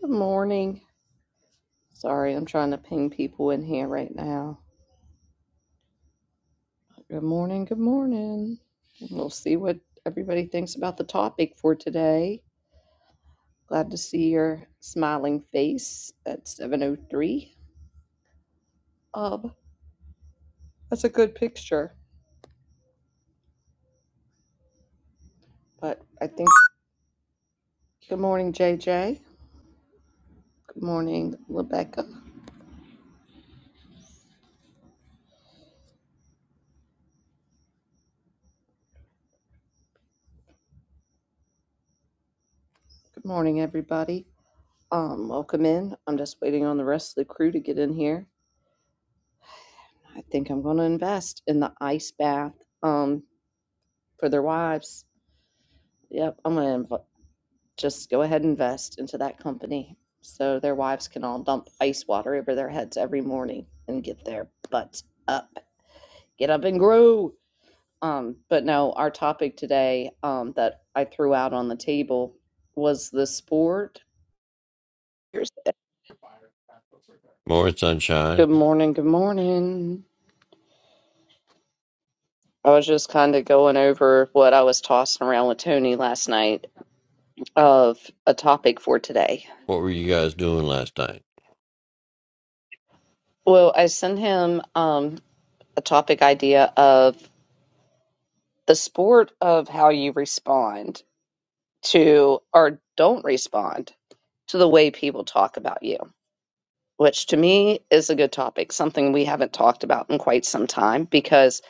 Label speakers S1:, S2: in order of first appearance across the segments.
S1: Good morning. Sorry, I'm trying to ping people in here right now. Good morning. Good morning. And We'll see what everybody thinks about the topic for today. Glad to see your smiling face at 7:03. Um, that's a good picture. But I think. Good morning, JJ. Good morning, Rebecca. Good morning, everybody. Um, welcome in. I'm just waiting on the rest of the crew to get in here. I think I'm going to invest in the ice bath um, for their wives. Yep, I'm gonna just go ahead and invest into that company so their wives can all dump ice water over their heads every morning and get their butts up, get up and grow. Um, but no, our topic today um, that I threw out on the table was the sport. Here's the-
S2: More sunshine.
S1: Good morning, good morning. I was just kind of going over what I was tossing around with Tony last night of a topic for today.
S2: What were you guys doing last night?
S1: Well, I sent him um, a topic idea of the sport of how you respond to or don't respond to the way people talk about you, which to me is a good topic, something we haven't talked about in quite some time because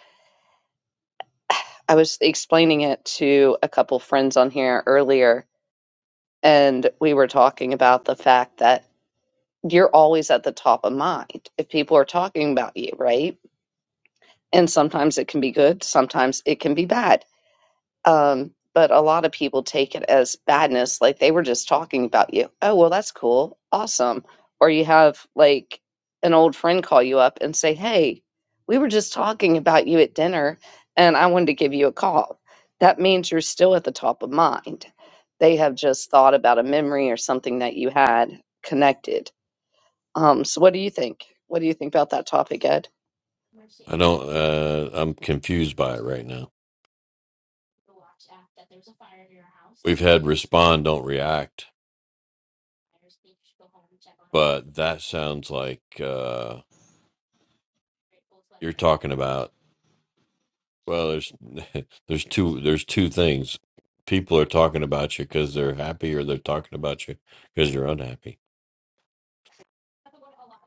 S1: I was explaining it to a couple friends on here earlier and we were talking about the fact that you're always at the top of mind if people are talking about you, right? And sometimes it can be good, sometimes it can be bad Um, but a lot of people take it as badness, like they were just talking about you. Oh, well, that's cool. Awesome. Or you have like an old friend call you up and say, Hey, we were just talking about you at dinner and I wanted to give you a call. That means you're still at the top of mind. They have just thought about a memory or something that you had connected. Um, so what do you think? What do you think about that topic, Ed?
S2: I don't. Uh, I'm confused by it right now. We've had respond, don't react, but that sounds like uh, you're talking about. Well, there's there's two there's two things. People are talking about you because they're happy, or they're talking about you because you're unhappy.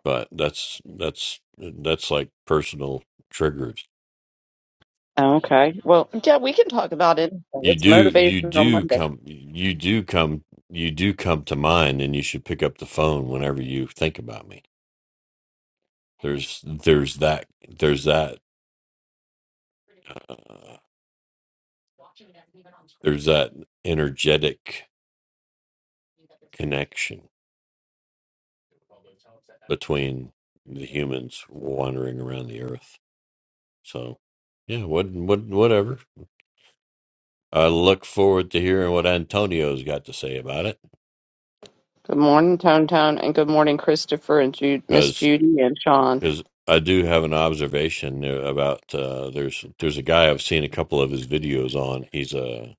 S2: But that's that's that's like personal triggers.
S1: Okay. Well, yeah, we can talk about it.
S2: You
S1: It's
S2: do, you
S1: motivational
S2: do
S1: Monday.
S2: come, you do come, you do come to mind, and you should pick up the phone whenever you think about me. There's, there's that, there's that, uh, there's that energetic connection between the humans wandering around the earth. So, yeah, what, what, whatever. I look forward to hearing what Antonio's got to say about
S1: Good morning, Tone Tone, and good morning, Christopher and Ju- Miss
S2: it
S1: Judy and Sean.
S2: Because I do have an observation there about uh, there's there's a guy I've seen a couple of his videos on. He's a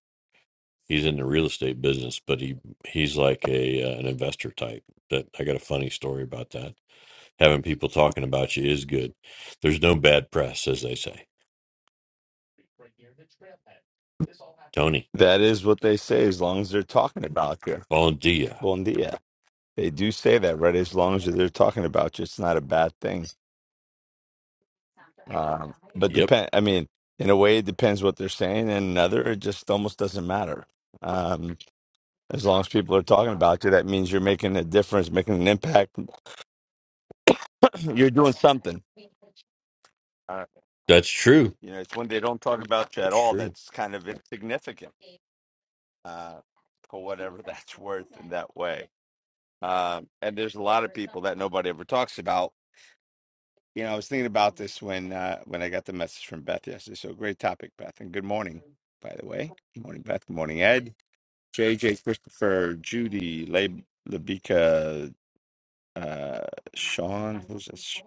S2: he's in the real estate business, but he he's like a uh, an investor type. That I got a funny story about that. Having people talking about you is good. There's no bad press, as they say. Tony,
S3: That is what they say as long as they're talking about you.
S2: bon dia.
S3: Bon dia. They do say that, right? As long as they're talking about you, it's not a bad thing. Um, but
S2: Yep,
S3: depend, I mean, in a way, it depends what they're saying. And another, it just almost doesn't matter. Um, as long as people are talking about you, that means you're making a difference, making an impact. you're doing something. Uh,
S2: that's true.
S3: you know, it's when they don't talk about you at
S2: That's
S3: all
S2: true.
S3: that's kind of insignificant uh, for whatever that's worth in that way. Um, and there's a lot of people that nobody ever talks about You know, I was thinking about this when uh, when I got the message from Beth yesterday. So great topic, Beth, and good morning, by the way. Good morning, Beth. Good morning, Ed, JJ, Christopher, Judy, Le- Labika, uh, Sean. Who's this?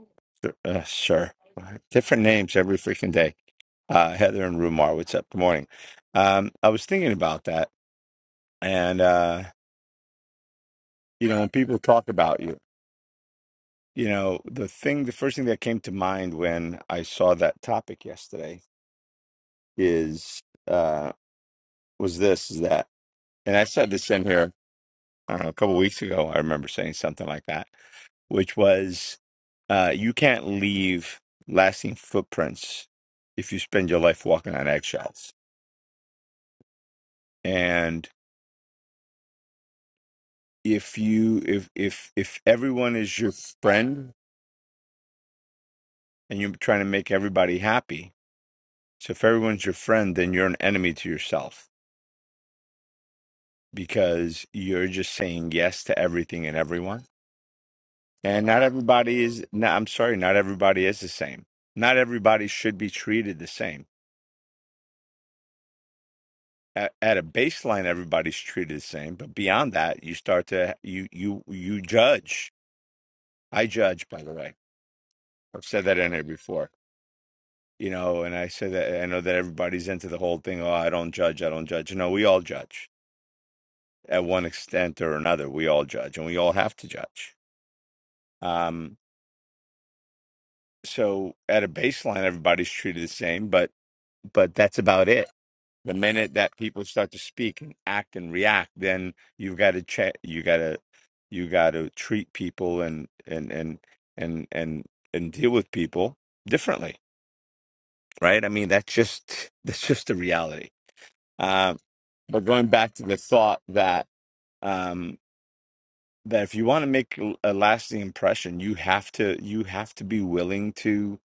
S3: Uh, sir, different names every freaking day. Uh, Heather and Rumar. What's up? Good morning. Um, I was thinking about that, and uh, you know, when people talk about you, you know, the thing, the first thing that came to mind when I saw that topic yesterday is uh was this is that and i said this in here I don't know, a couple weeks ago i remember saying something like that which was uh you can't leave lasting footprints if you spend your life walking on eggshells and if you if if if everyone is your friend and you're trying to make everybody happy so if everyone's your friend then you're an enemy to yourself because you're just saying yes to everything and everyone And not everybody is, no, I'm sorry, not everybody is the same. Not everybody should be treated the same. At, at a baseline, everybody's treated the same, but beyond that, you start to you you you judge. I judge, by the way. I've said that in here before, you know, and I said that I know that everybody's into the whole thing. Oh, I don't judge. I don't judge. No, we all judge at one extent or another. We all judge, and we all have to judge. Um, so at a baseline, everybody's treated the same, but but that's about it The minute that people start to speak and act and react, then you've got to check. You got to you got to treat people and and and and and and deal with people differently, right? I mean, that's just that's just the reality. Um, but going back to the thought that um, that if you want to make l- a lasting impression, you have to you have to be willing to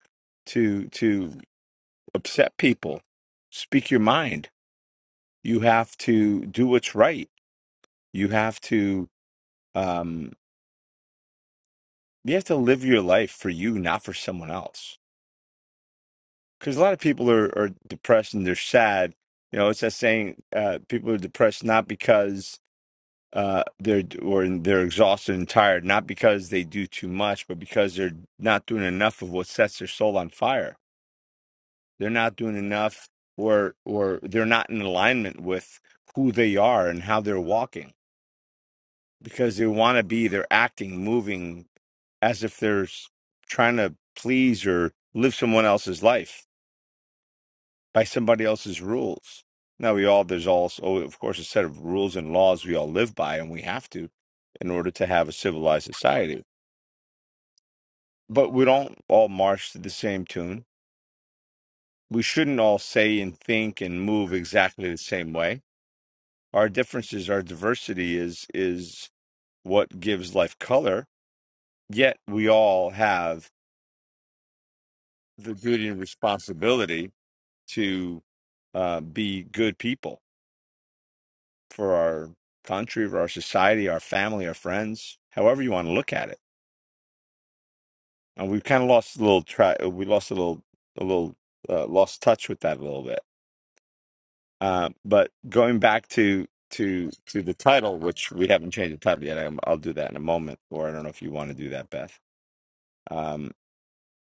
S3: to to upset people, speak your mind. You have to do what's right You have to um you have to live your life for you, not for someone else. Because a lot of people are, are depressed and they're sad. You know, it's that saying, uh, people are depressed not because uh they're or they're exhausted and tired, not because they do too much, but because they're not doing enough of what sets their soul on fire. They're not doing enough or or they're not in alignment with who they are and how they're walking because they want to be they're acting moving as if they're s- trying to please or live someone else's life by somebody else's rules. Now we all there's also of course a set of rules and laws we all live by and we have to in order to have a civilized society. But we don't all march to the same tune. We shouldn't all say and think and move exactly the same way. Our differences, our diversity is is what gives life color. Yet we all have the duty and responsibility to uh, be good people for our country, for our society, our family, our friends, however you want to look at it. And we've kind of lost a little track. We lost a little, a little, uh, lost touch with that a little bit. Uh, but going back to to to the title, which we haven't changed the title yet. I'm, I'll do that in a moment, or I don't know if you want to do that, Beth. Um,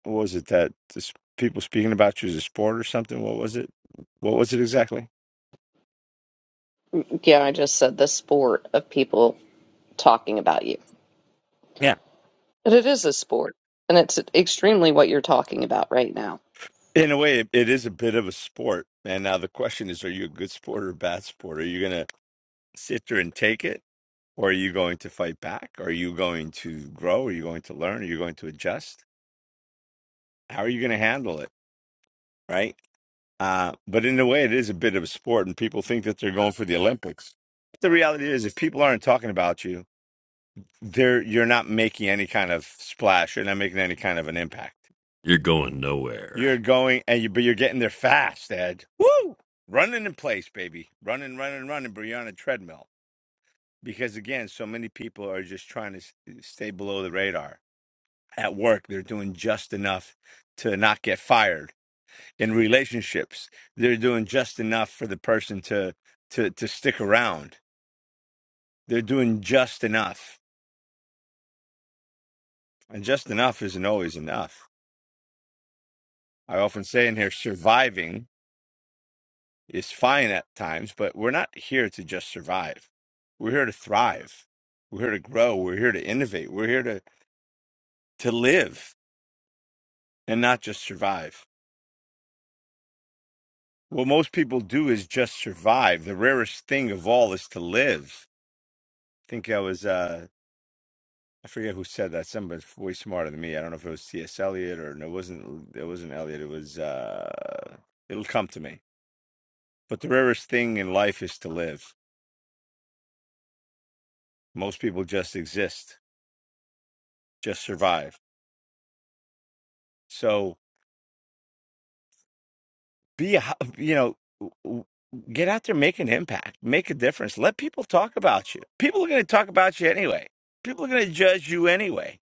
S3: what was it that this, people speaking about you as a sport or something? What was it? What was it exactly?
S1: Yeah, I just said the sport of people talking about you. But it is a sport, and it's extremely what you're talking about right now.
S3: In a way, it it is a bit of a sport. And now the question is, are you a good sport or a bad sport? Are you going to sit there and take it? Or are you going to fight back? Are you going to grow? Are you going to learn? Are you going to adjust? How are you going to handle it? Right. Uh, but in a way, it is a bit of a sport, and people think that they're going for the Olympics. The reality is, if people aren't talking about you, they're, you're not making any kind of splash. You're not making any kind of an impact.
S2: You're going nowhere.
S3: You're going and you, but you're getting there fast, Ed. Woo! Running in place, baby. Running, running, running. But you're on a treadmill because again, so many people are just trying to s- stay below the radar. At work, they're doing just enough to not get fired. In relationships, they're doing just enough for the person to to to stick around. They're doing just enough, and just enough isn't always enough. I often say in here, surviving is fine at times, but we're not here to just survive. We're here to thrive. We're here to grow. We're here to innovate. We're here to, to live and not just survive. What most people do is just survive. The rarest thing of all is to live. I think I was, uh, I forget who said that. Somebody's way smarter than me. I don't know if it was C.S. Eliot or no, it wasn't, it wasn't Eliot. It was, uh, it'll come to me. But the rarest thing in life is to live. Most people just exist, just survive. So be a- you know get out there make an impact make a difference let people talk about you people are going to talk about you anyway people are going to judge you anyway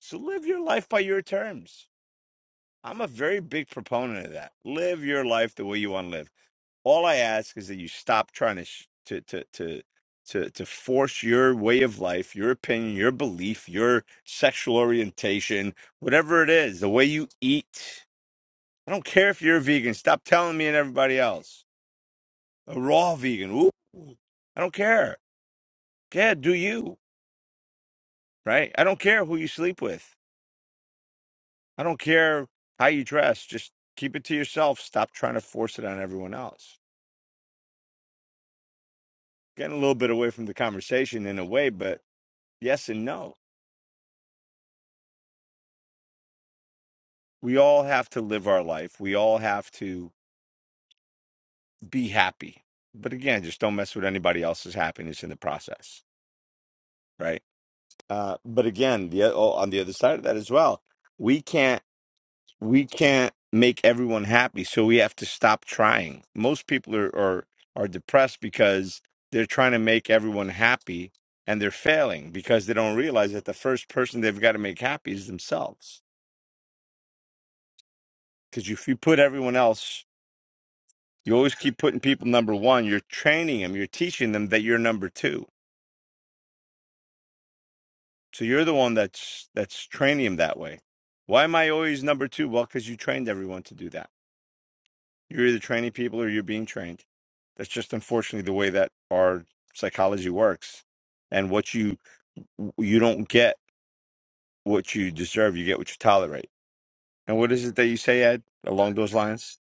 S3: so live your life by your terms i'm a very big proponent of that live your life the way you want to live all i ask is that you stop trying to sh- to to to to, to force your way of life, your opinion, your belief, your sexual orientation, whatever it is, the way you eat. I don't care if you're a vegan. Stop telling me and everybody else a raw vegan. Ooh, I don't care. Yeah, do you, right? I don't care who you sleep with. I don't care how you dress. Just keep it to yourself. Stop trying to force it on everyone else. Getting a little bit away from the conversation in a way, but yes and no. We all have to live our life. We all have to be happy. But again, just don't mess with anybody else's happiness in the process, right? Uh, but again, the, oh, on the other side of that as well, we can't. we can't make everyone happy so we have to stop trying most people are are, are depressed because they're trying to make everyone happy and they're failing because they don't realize that the first person they've got to make happy is themselves because if you put everyone else you always keep putting people number one you're training them you're teaching them that you're number two so you're the one that's that's training them that way why am i always number two well because you trained everyone to do that You're either training people or you're being trained. That's just unfortunately the way that our psychology works. And what you you don't get what you deserve, you get what you tolerate. And what is it that you say, Ed, along those lines?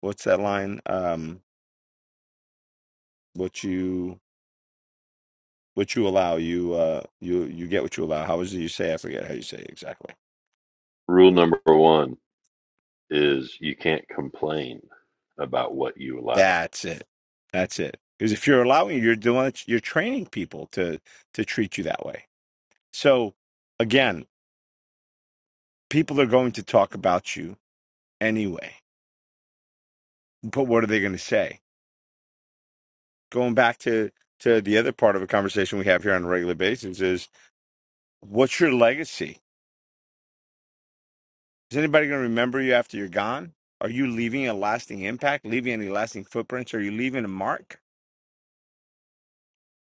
S3: What's that line? Um, what you what you allow, you uh you you get what you allow. How is it you say? I forget how you say it exactly.
S2: Rule number one is you can't complain about what you allow.
S3: That's it. That's it. Because if you're allowing, you're doing, you're training people to to treat you that way. So again, people are going to talk about you anyway. But what are they going to say? Going back to to the other part of a conversation we have here on a regular basis is what's your legacy? Is anybody going to remember you after you're gone? Are you leaving a lasting impact? Leaving any lasting footprints? Are you leaving a mark?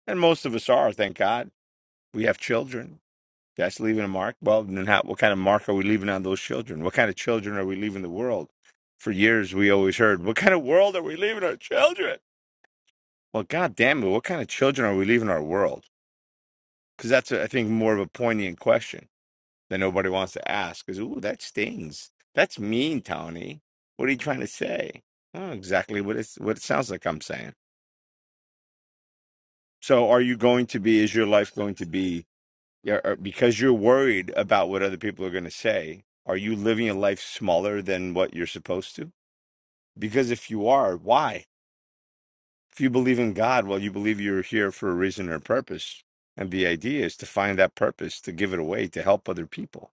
S3: And most of us are, thank God. We have children. That's leaving a mark. Well, then how, what kind of mark are we leaving on those children? What kind of children are we leaving the world? For years, we always heard, what kind of world are we leaving our children? Well, God damn it, what kind of children are we leaving our world? because that's I think more of a poignant question that nobody wants to ask. Is ooh that stings. That's mean, Tony. What are you trying to say? Oh, exactly what it's what it sounds like I'm saying. So are you going to be? Is your life going to be? yeah, or- Because you're worried about what other people are going to say. Are you living a life smaller than what you're supposed to? Because if you are, why? If you believe in God, well, you believe you're here for a reason or a purpose. And the idea is to find that purpose, to give it away, to help other people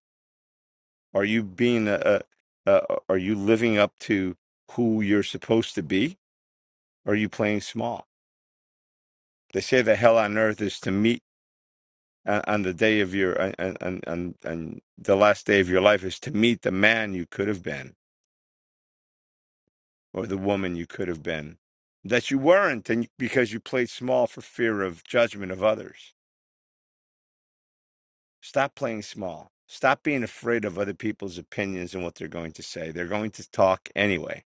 S3: Are you being a, a, a are you living up to who you're supposed to be? Or are you playing small? They say the hell on earth is to meet uh, on the day of your uh, and and and and the last day of your life is to meet the man you could have been or the woman you could have been that you weren't and because you played small for fear of judgment of others Stop playing small. Stop being afraid of other people's opinions and what they're going to say. They're going to talk anyway.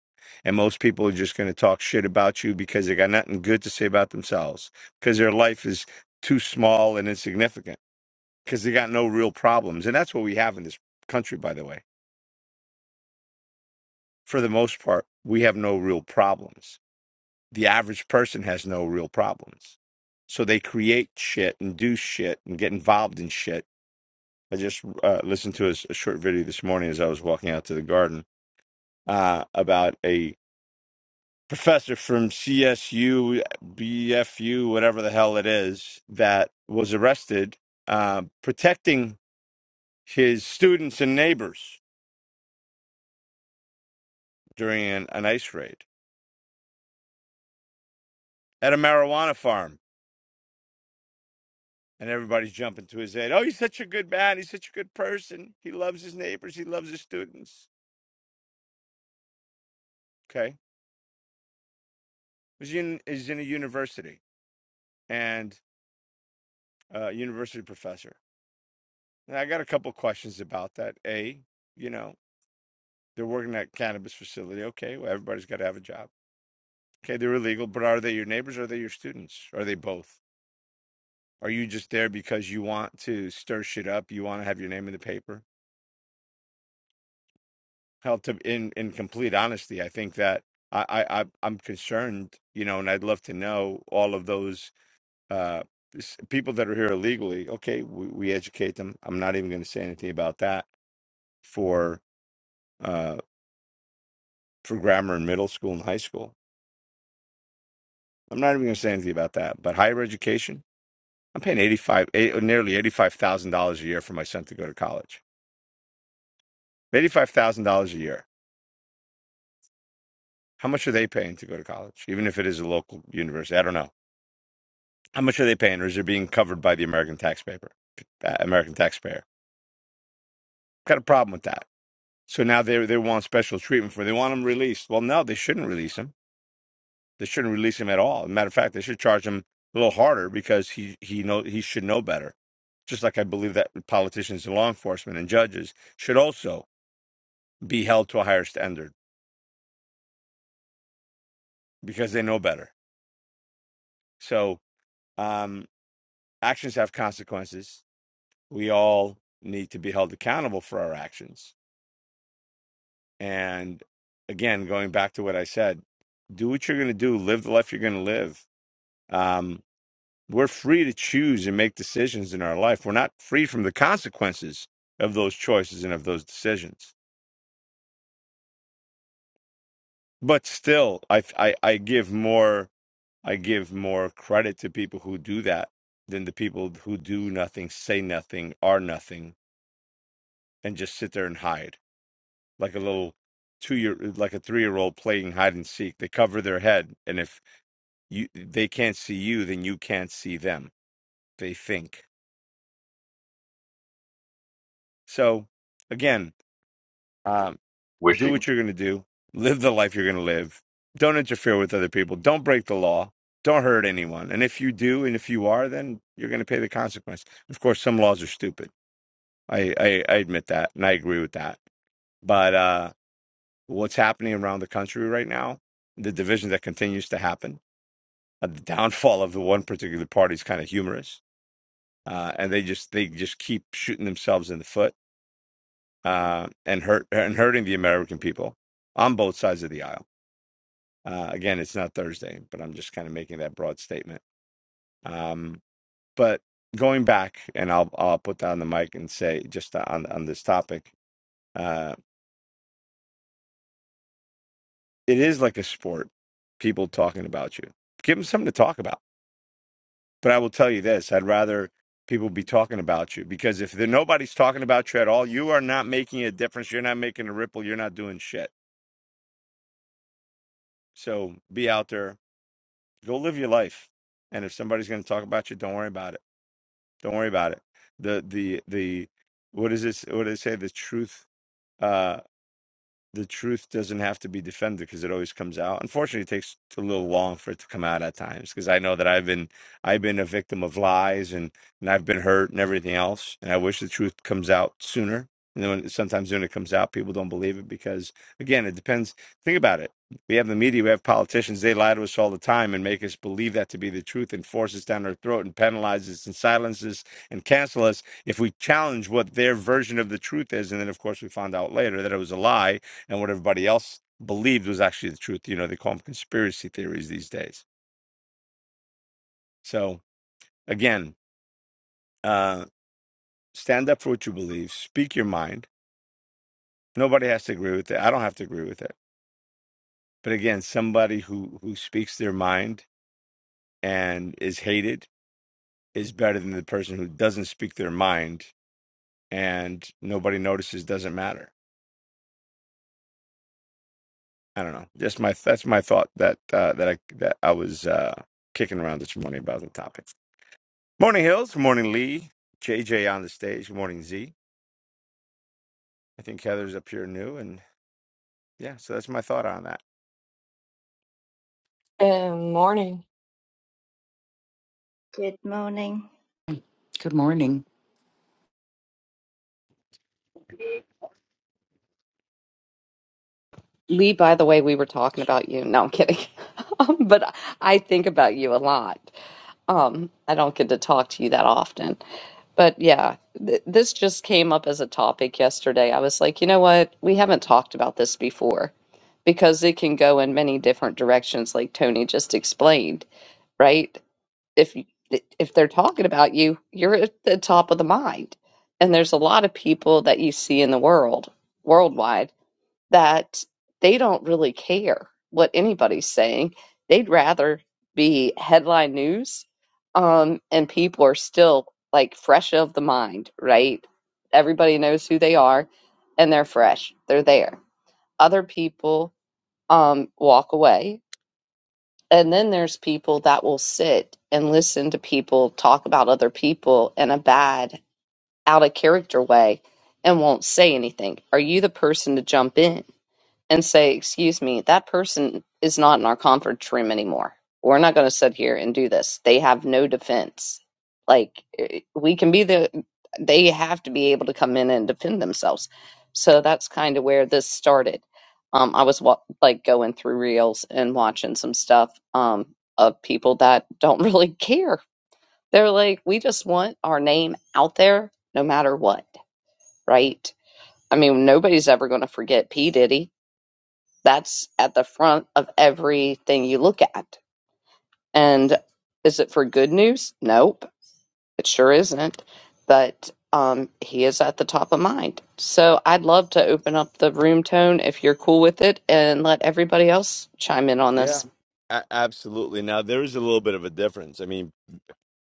S3: And most people are just going to talk shit about you because they got nothing good to say about themselves, because their life is too small and insignificant, because they got no real problems. And that's what we have in this country, by the way. For the most part, we have no real problems. The average person has no real problems. So they create shit and do shit and get involved in shit I just uh, listened to a, s- a short video this morning as I was walking out to the garden uh, about a professor from CSU, BFU, whatever the hell it is, that was arrested uh, protecting his students and neighbors during an, an ice raid at a marijuana farm. And everybody's jumping to his aid. Oh, he's such a good man. He's such a good person. He loves his neighbors. He loves his students. Okay. He's in, he's in a university and a university professor And I got a couple questions about that. A, you know, they're working at cannabis facility. Okay, well, everybody's got to have a job. Okay, they're illegal, but are they your neighbors? Or are they your students? Are they both? Are you just there because you want to stir shit up? You want to have your name in the paper? Hell, to in in complete honesty, I think that I I I- I'm concerned, you know, and I'd love to know all of those uh s- people that are here illegally. Okay, we, we educate them. I'm not even going to say anything about that for uh, for grammar in middle school and high school. I'm not even going to say anything about that. But higher education, I'm paying 85, eh, uh, nearly $85,000 a year for my son to go to college. $85,000 a year. How much are they paying to go to college? Even if it is a local university, I don't know. How much are they paying, or is it being covered by the American taxpayer? Uh, American taxpayer. Got a problem with that. So now they they want special treatment for. They want them released. Well, no, they shouldn't release them They shouldn't release him at all. matter of fact, they should charge him a little harder because he he know he should know better. Just like I believe that politicians and law enforcement and judges should also be held to a higher standard because they know better. So um, actions have consequences. We all need to be held accountable for our actions. And again, going back to what I said, do what you're going to do, live the life you're going to live. Um, We're free to choose and make decisions in our life. We're not free from the consequences of those choices and of those decisions. But still, I, I, I give more I give more credit to people who do that than the people who do nothing, say nothing, are nothing, and just sit there and hide like a little two year like a three year old playing hide and seek. They cover their head, and if you they can't see you, then you can't see them. They think so. Again, Um, do
S2: Wishing.
S3: what you're going to do, live the life you're going to live. Don't interfere with other people. Don't break the law. Don't hurt anyone. And if you do, and if you are, then you're going to pay the consequence. Of course, some laws are stupid. I, I, I admit that, and I agree with that. But uh, what's happening around the country right now, the division that continues to happen, uh, the downfall of the one particular party is kind of humorous, uh, and they just they just keep shooting themselves in the foot uh, and hurt and hurting the American people on both sides of the aisle. Uh, again, it's not Thursday, but I'm just kind of making that broad statement. Um, but going back, and I'll I'll put down the mic and say just on on this topic, uh, it is like a sport. People talking about you, give them something to talk about. But I will tell you this: I'd rather people be talking about you because if there, nobody's talking about you at all, you are not making a difference. You're not making a ripple. You're not doing shit. So be out there, go live your life, and if somebody's going to talk about you, don't worry about it Don't worry about it. The the the what is this? What did it say? The truth. Uh, the truth doesn't have to be defended because it always comes out. Unfortunately, it takes a little long for it to come out at times because I know that I've been I've been a victim of lies and and I've been hurt and everything else. And I wish the truth comes out sooner. And then when, sometimes when it comes out, people don't believe it because again, it depends. Think about it. We have the media, we have politicians. They lie to us all the time and make us believe that to be the truth and force us down our throat and penalize us and silence us and cancel us if we challenge what their version of the truth is. And then, of course, we found out later that it was a lie and what everybody else believed was actually the truth. You know, they call them conspiracy theories these days. So again, uh, stand up for what you believe, speak your mind. Nobody has to agree with it. I don't have to agree with it. But again, somebody who who speaks their mind and is hated is better than the person who doesn't speak their mind and nobody notices. Doesn't matter. I don't know. Just my that's my thought that uh, that I that I was uh, kicking around this morning about the topic. Morning, Hills. Good morning, Lee. JJ on the stage. Good morning, Z. I think Heather's up here new. And yeah, so that's my thought on that.
S4: Good morning.
S5: Good morning.
S6: Good morning.
S1: Lee, by the way, we were talking about you. No, I'm kidding. Um, but I think about you a lot. Um, I don't get to talk to you that often. But yeah, th this just came up as a topic yesterday. I was like, you know what? We haven't talked about this before because it can go in many different directions, like Tony just explained, right? If you- if they're talking about you, you're at the top of the mind. And there's a lot of people that you see in the world, worldwide that they don't really care what anybody's saying. They'd rather be headline news. Um, and people are still like fresh of the mind, right? Everybody knows who they are and they're fresh. They're there. Other people um, walk away. And then there's people that will sit and listen to people talk about other people in a bad, out of character way and won't say anything. Are you the person to jump in? and say, excuse me, that person is not in our conference room anymore. We're not going to sit here and do this. They have no defense. Like, eh, we can be the, they have to be able to come in and defend themselves. So that's kind of where this started. Um, I was wa- like going through reels and watching some stuff um, of people that don't really care. They're like, we just want our name out there no matter what, right? I mean, nobody's ever going to forget P. Diddy that's at the front of everything you look at. And is it for good news? Nope, it sure isn't. But um, he is at the top of mind. So I'd love to open up the room tone if you're cool with it and let everybody else chime in on
S3: Yeah,
S1: this.
S3: a- absolutely. Now there is a little bit of a difference. I mean,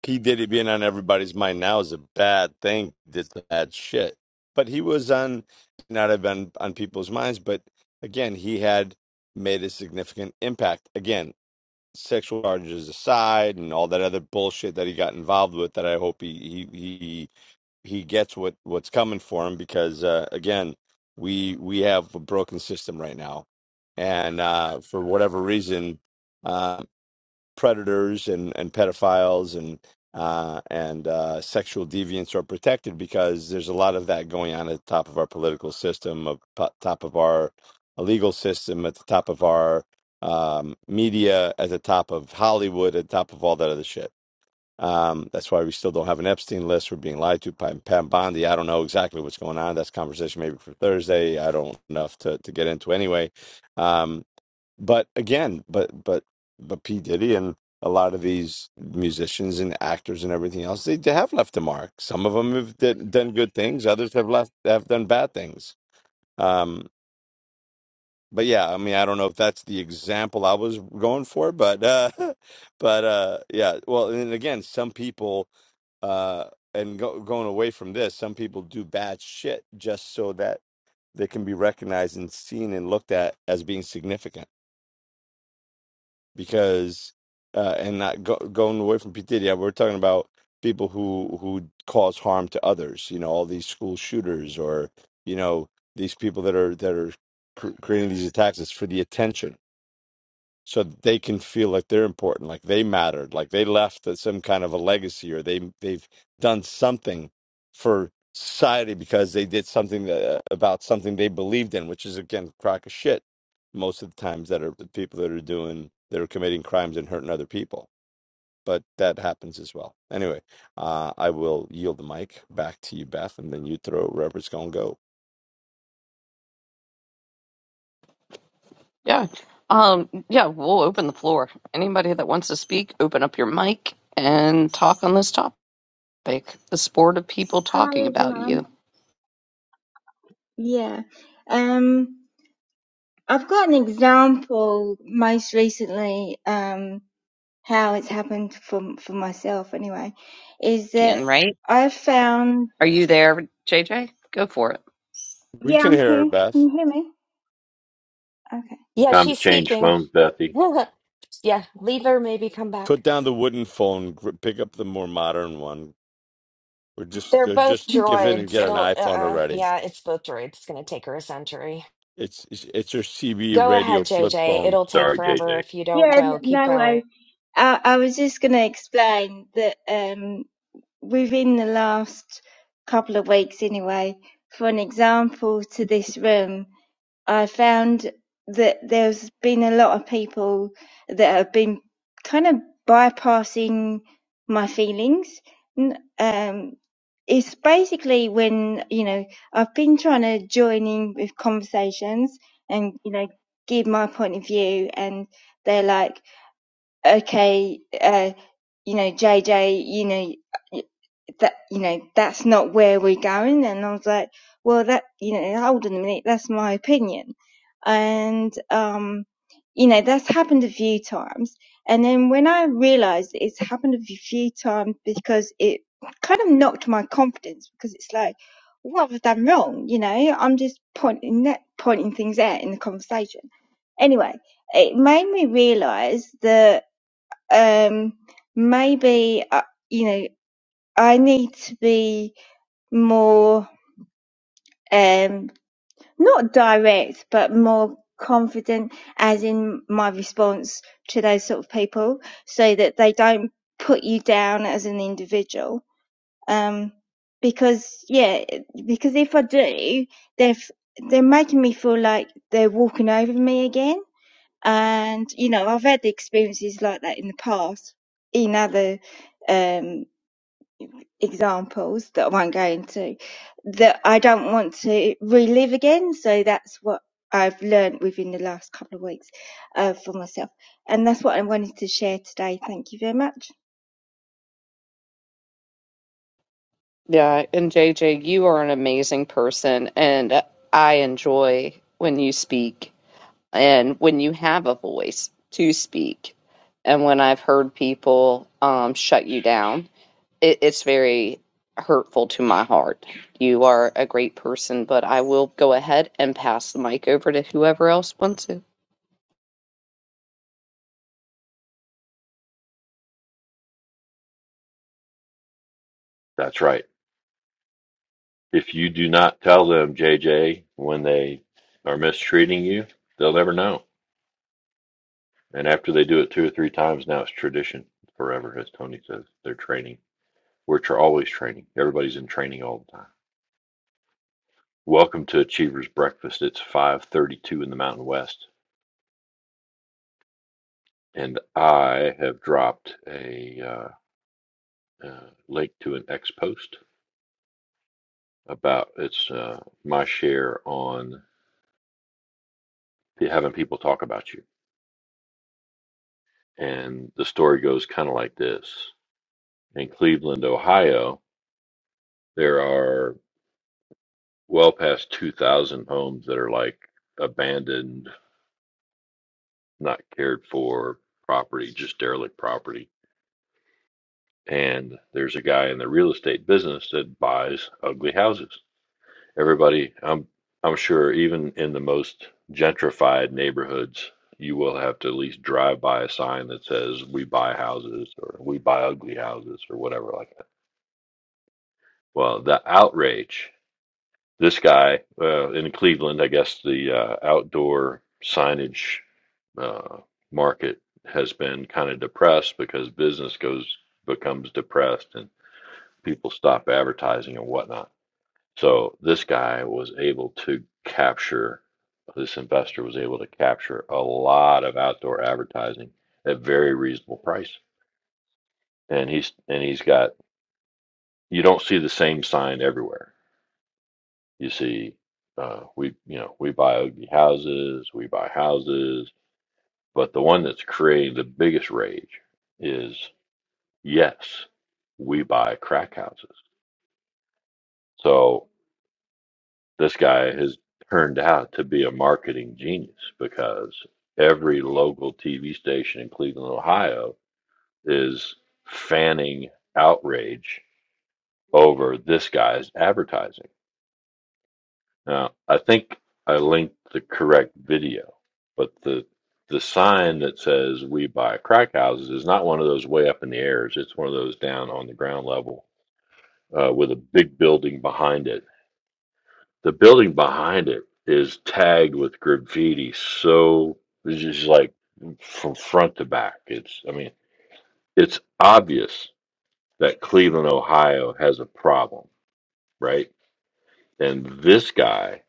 S3: P Diddy being on everybody's mind now is a bad thing. Did some bad shit, but he was on not have been on people's minds. But again, he had made a significant impact. Again, sexual charges aside, and all that other bullshit that he got involved with. That I hope he he he gets what what's coming for him because uh, again we we have a broken system right now and uh, for whatever reason uh, predators and and pedophiles and uh, and uh, sexual deviants are protected because there's a lot of that going on at the top of our political system, of po- top of our legal system, at the top of our um, media, at the top of Hollywood, at the top of all that other shit um, that's why we still don't have an Epstein list. We're being lied to by Pam Bondi. I don't know exactly what's going on. That's a conversation maybe for Thursday. I don't enough to to get into anyway. Um, but again, but but but P Diddy and a lot of these musicians and actors and everything else, they, they have left a mark. Some of them have did, done good things. Others have left have done bad things. Um, but yeah, I mean, I don't know if that's the example I was going for, but uh, but uh, yeah. Well, and again, some people uh, and go, going away from this, some people do bad shit just so that they can be recognized and seen and looked at as being significant. Because uh, and not go, going away from P Diddy, we're talking about people who who cause harm to others. You know, all these school shooters or you know these people that are that are cr- creating these attacks. It's for the attention so that they can feel like they're important, like they mattered, like they left a- some kind of a legacy, or they they've done something for society because they did something that, about something they believed in, which is again a crock of shit. Most of the times that are the people that are doing that are committing crimes and hurting other people, but that happens as well. Anyway, uh, I will yield the mic back to you, Beth, and then you throw it wherever it's gonna go.
S1: Yeah. Um, yeah, we'll open the floor. Anybody that wants to speak, open up your mic and talk on this topic. The sport of people
S5: Hi,
S1: talking about
S5: everyone.
S1: you.
S5: Yeah. Um, I've got an example most recently, um, how it's happened for, for myself anyway, is
S1: Jen,
S5: that
S1: Right?
S5: I found,
S1: Are you there, JJ? Go for it.
S3: We
S5: yeah,
S3: can
S5: I'm
S3: hear her,
S5: here. Can
S3: Beth.
S5: you hear me?
S4: Yeah,
S2: Time to
S4: she's
S2: change
S4: speaking.
S2: phones, Bethy.
S4: yeah, leave her, maybe come back.
S3: Put down the wooden phone, gr- pick up the more modern one, Or just
S4: They're
S3: or
S4: both
S3: just
S5: Okay.
S3: give in and
S4: droids.
S3: get an
S4: It'll, uh,
S3: iPhone
S4: uh
S3: already.
S4: yeah, it's both droids. It's going to take her a century.
S3: It's it's, it's your CB
S4: Go
S3: radio
S4: ahead,
S3: flip
S4: JJ.
S3: phone.
S4: It'll take
S2: Sorry,
S4: forever
S2: JJ.
S4: if you don't
S5: Yeah, n-
S4: go. Keep
S5: no worries.
S4: going.
S5: I, I was just going to explain that, um, within the last couple of weeks anyway, for an example to this room, I found that there's been a lot of people that have been kind of bypassing my feelings. N- Um, it's basically when, you know, I've been trying to join in with conversations and, you know, give my point of view and they're like, okay, uh, you know, JJ, you know, that you know that's not where we're going and i was like well that you know hold on a minute that's my opinion and um you know that's happened a few times and then when i realized it's happened a few times because it kind of knocked my confidence because it's like what have i done wrong you know i'm just pointing that pointing things out in the conversation anyway it made me realize that um maybe uh, you know I need to be more, um, not direct, but more confident as in my response to those sort of people so that they don't put you down as an individual. Um, because yeah, because if I do, they're, f- they're making me feel like they're walking over me again. And, you know, I've had experiences like that in the past in other, um, examples that I won't go into that I don't want to relive again. So that's what I've learned within the last couple of weeks uh, for myself. And that's what I wanted to share today. Thank you very much.
S1: Yeah, and JJ, you are an amazing person, and I enjoy when you speak and when you have a voice to speak. And when I've heard people um, shut you down, it, it's very hurtful to my heart. You are a great person, but I will go ahead and pass the mic over to whoever else wants to.
S2: That's right. If you do not tell them, JJ, when they are mistreating you, they'll never know. And after they do it two or three times, now it's tradition forever, as Tony says. They're training. We're tra- always training. Everybody's in training all the time. Welcome to Achievers Breakfast. It's 5:32 in the Mountain West, and I have dropped a uh, uh, link to an ex post about it's uh, my share on having people talk about you. And the story goes kind of like this In Cleveland, Ohio, there are well past 2,000 homes that are like abandoned, not cared for property, just derelict property. And there's a guy in the real estate business that buys ugly houses. Everybody, I'm, I'm sure, even in the most gentrified neighborhoods, you will have to at least drive by a sign that says, We buy houses or We buy ugly houses or whatever like that Well, the outrage. This guy uh, in Cleveland, I guess the uh, outdoor signage uh, market has been kind of depressed because business goes becomes depressed and people stop advertising and whatnot. So this guy was able to capture. This investor was able to capture a lot of outdoor advertising at very reasonable price, and he's and he's got. You don't see the same sign everywhere You see, uh, we you know we buy ugly houses, we buy houses, but the one that's created the biggest rage is yes, we buy crack houses. So this guy has turned out to be a marketing genius because every local TV station in Cleveland, Ohio, is fanning outrage over this guy's advertising Now, I think I linked the correct video, but the the sign that says "We buy crack houses" is not one of those way up in the airs. It's one of those down on the ground level uh, with a big building behind it. The building behind it is tagged with graffiti, so it's just like from front to back. It's I mean, it's obvious that Cleveland, Ohio, has a problem, right? And this guy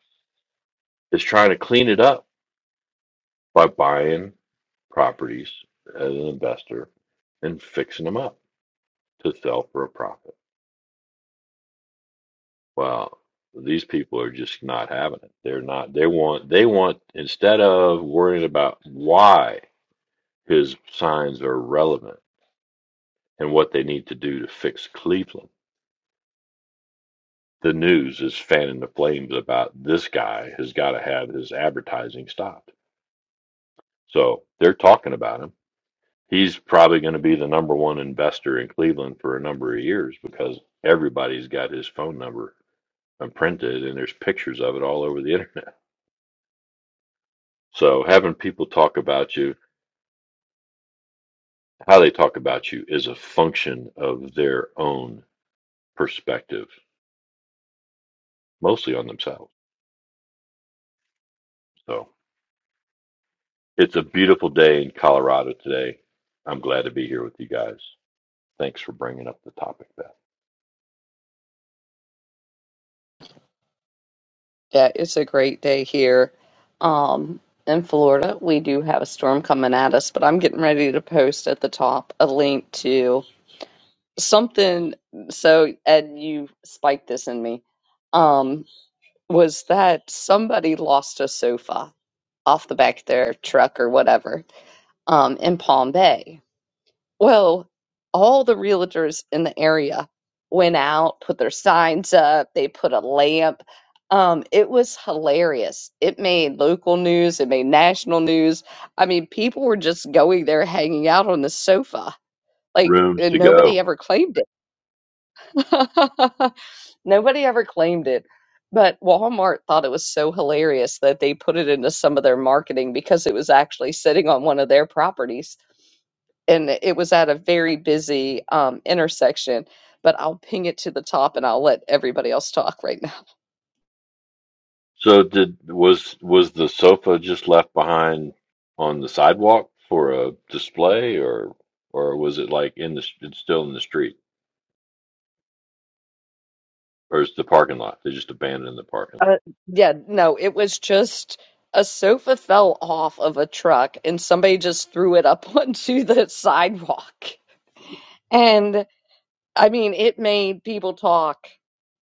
S2: is trying to clean it up by buying properties as an investor and fixing them up to sell for a profit. Well, these people are just not having it. They're not. They want. They want instead of worrying about why his signs are relevant and what they need to do to fix Cleveland. The news is fanning the flames about this guy has got to have his advertising stopped. So they're talking about him he's probably going to be the number one investor in Cleveland for a number of years because everybody's got his phone number and printed, and there's pictures of it all over the internet. So having people talk about you, how they talk about you, is a function of their own perspective, mostly on themselves. So it's a beautiful day in Colorado today. I'm glad to be here with you guys. Thanks for bringing up the topic, Beth.
S1: Yeah, it's a great day here. Um, in Florida, we do have a storm coming at us, but I'm getting ready to post at the top a link to something so Ed, you spiked this in me. Um, was that somebody lost a sofa off the back of their truck or whatever, um, in Palm Bay. Well, all the realtors in the area went out, put their signs up, they put a lamp. Um, it was hilarious. It made local news, it made national news. I mean, people were just going there hanging out on the sofa. Like,
S2: Rooms
S1: and
S2: to go.
S1: nobody ever claimed it. Nobody ever claimed it, but Walmart thought it was so hilarious that they put it into some of their marketing because it was actually sitting on one of their properties and it was at a very busy um, intersection. But I'll ping it to the top and I'll let everybody else talk right now.
S2: So did was was the sofa just left behind on the sidewalk for a display, or or was it like in the it's still in the street, or is the parking lot? They just abandoned the parking lot.
S1: Uh, yeah, no, it was just a sofa fell off of a truck and somebody just threw it up onto the sidewalk. And I mean, it made people talk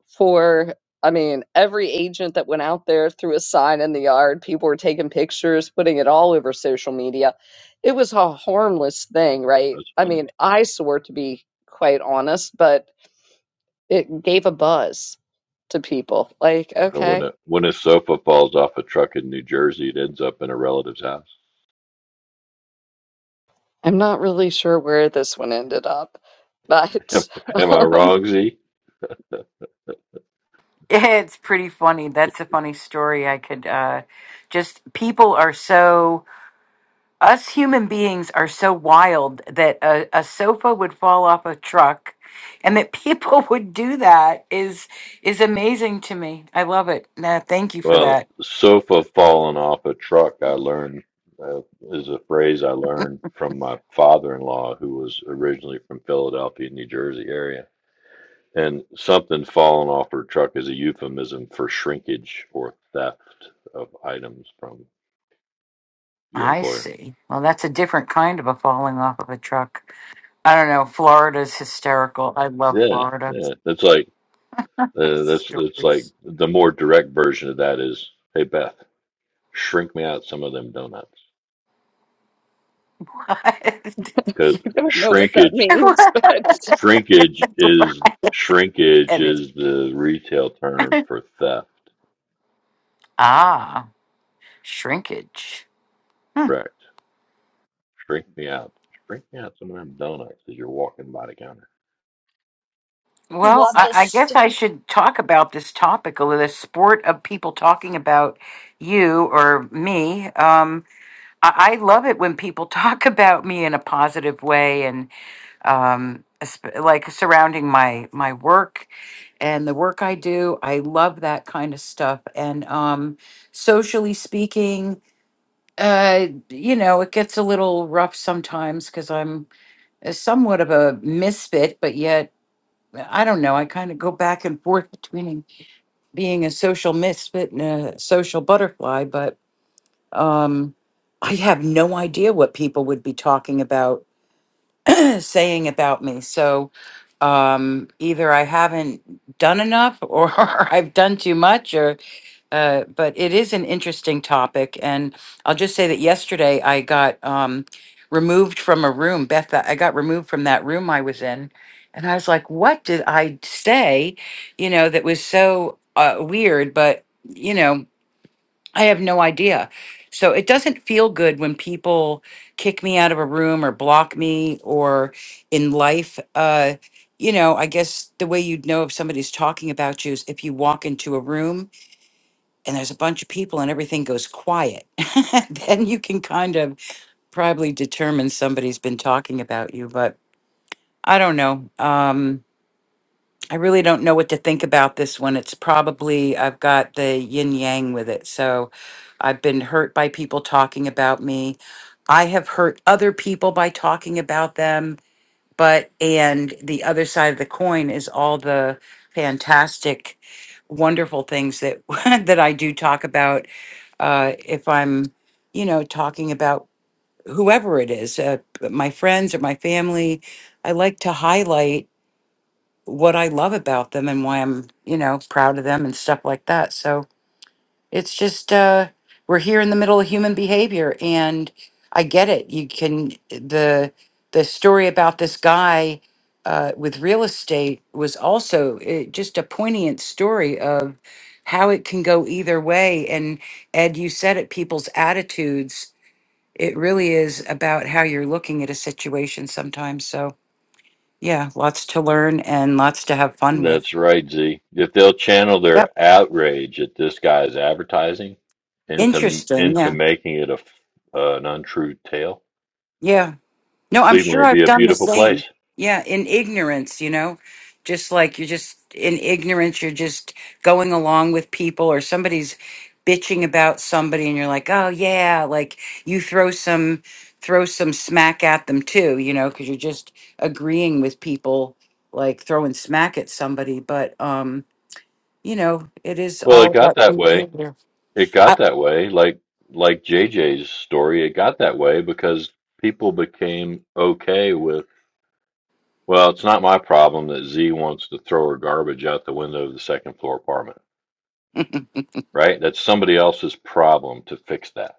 S1: for I mean, every agent that went out there threw a sign in the yard, people were taking pictures, putting it all over social media. It was a harmless thing, right?
S2: That's
S1: I
S2: funny.
S1: mean, eyesore to be quite honest, but it gave a buzz to people. Like,
S2: So when
S1: okay,
S2: a when a sofa falls off a truck in New Jersey, it ends up in a relative's house.
S1: I'm not really sure where this one ended up, but
S2: Am I
S1: um,
S2: wrong, Z?
S6: Yeah, It's pretty funny. That's a funny story. I could uh just people are so us human beings are so wild that a, a sofa would fall off a truck and that people would do that is is amazing to me. I love it. Nah, thank you for
S2: Well,
S6: that.
S2: sofa falling off a truck, I learned, uh, is a phrase I learned from my father-in-law, who was originally from Philadelphia, New Jersey area. And something falling off her truck is a euphemism for shrinkage or theft of items from your
S6: I
S2: employer.
S6: see. Well, that's a different kind of a falling off of a truck. I don't know. Florida's hysterical. I love
S2: Yeah,
S6: Florida
S2: yeah. That's like uh, that's it's like
S6: stories.
S2: the more direct version of that is, hey Beth, shrink me out some of them donuts
S6: What?
S2: because
S1: I don't know what that
S2: shrinkage
S1: means.
S6: What?
S1: But
S2: Shrinkage is shrinkage
S6: And it-
S2: is the retail term for theft,
S6: ah, shrinkage.
S2: correct? Shrink me out. Shrink me out some of them donuts as you're walking by the counter.
S4: I
S6: Well,
S4: Love
S6: I,
S4: this.
S6: I guess
S4: St-
S6: I should talk about this topic a little. The sport of people talking about you or me. Um, I, I love it when people talk about me in a positive way, and um, esp- like surrounding my my work and the work I do. I love that kind of stuff. And um, socially speaking, uh, you know, it gets a little rough sometimes because I'm uh, somewhat of a misfit, but yet I don't know. I kind of go back and forth between being a social misfit and a social butterfly, but um, I have no idea what people would be talking about, saying about me. So um, either I haven't done enough, or I've done too much, or. Uh, but it is an interesting topic, and I'll just say that yesterday I got um, removed from a room. Beth, I got removed from that room I was in, and I was like, "What did I say?" You know, that was so uh, weird. But you know, I have no idea. So it doesn't feel good when people kick me out of a room or block me, or in life. Uh, you know, I guess the way you'd know if somebody's talking about you is if you walk into a room and there's a bunch of people and everything goes quiet, then you can kind of probably determine somebody's been talking about you. But I don't know. Um, I really don't know what to think about this one. It's probably, I've got the yin yang with it. So I've been hurt by people talking about me. I have hurt other people by talking about them. But, and the other side of the coin is all the fantastic, wonderful things that that I do talk about uh, if I'm, you know, talking about whoever it is, uh, my friends or my family, I like to highlight what I love about them and why I'm, you know, proud of them and stuff like that. So it's just uh we're here in the middle of human behavior and I get it. You can the the story about this guy uh with real estate was also uh, just a poignant story of how it can go either way and Ed you said it people's attitudes it really is about how you're looking at a situation sometimes so yeah lots to learn and lots to have fun
S2: That's
S6: with
S2: right, Z. If they'll channel their
S6: yep
S2: outrage at this guy's advertising into
S6: interesting
S2: into
S6: yeah
S2: making it a f- uh, an untrue tale,
S6: yeah No, I'm
S2: Cleveland
S6: sure
S2: will be
S6: I've
S2: a
S6: done the
S2: beautiful
S6: same.
S2: place.
S6: Yeah, in ignorance, you know, just like you're just in ignorance, you're just going along with people or somebody's bitching about somebody and you're like, "Oh yeah," like you throw some throw some smack at them too, you know, cuz you're just agreeing with people like throwing smack at somebody, but um, you know, it is
S2: Well,
S6: all
S2: it got
S6: about
S2: that
S6: human
S2: way.
S6: behavior.
S2: It got
S6: I,
S2: that way, like like JJ's story. It got that way because people became okay with. Well, it's not my problem that Z wants to throw her garbage out the window of the second floor apartment, right? That's somebody else's problem to fix that.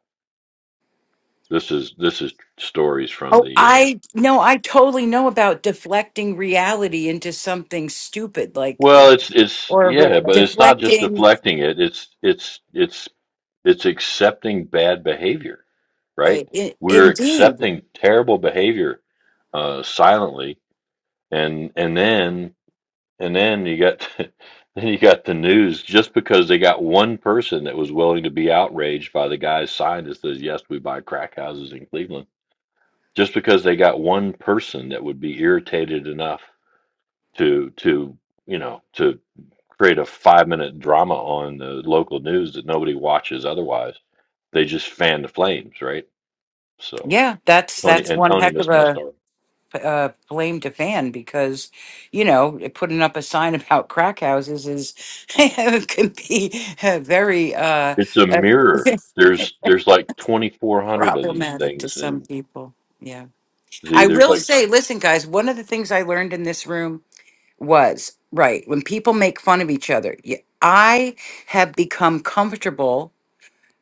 S2: This is this is stories from
S6: Oh,
S2: the uh
S6: I no, I totally know about deflecting reality into something stupid like it-
S2: well, it's it's
S6: or re-
S2: yeah, but it's not just
S6: deflecting.
S2: deflecting it. It's it's it's it's accepting bad behavior, right?
S6: i i
S2: We're
S6: indeed,
S2: accepting terrible behavior uh silently and and then And then you got then you got the news just because they got one person that was willing to be outraged by the guy's sign that says yes we buy crack houses in Cleveland. Just because they got one person that would be irritated enough to to you know to create a five minute drama on the local news that nobody watches otherwise. They just fan the flames, right? So
S6: yeah, that's
S2: Tony
S6: that's
S2: and
S6: one
S2: Tony
S6: heck of
S2: missed my
S6: a
S2: story.
S6: uh, blame to fan because you know putting up a sign about crack houses is can be uh, very uh,
S2: It's a
S6: uh,
S2: mirror. There's there's like twenty four hundred of these
S6: problematic to
S2: things
S6: some
S2: and
S6: people. Yeah,
S2: Z,
S6: I
S2: there's
S6: will
S2: like
S6: say, listen, guys, one of the things I learned in this room was right when people make fun of each other y- i have become comfortable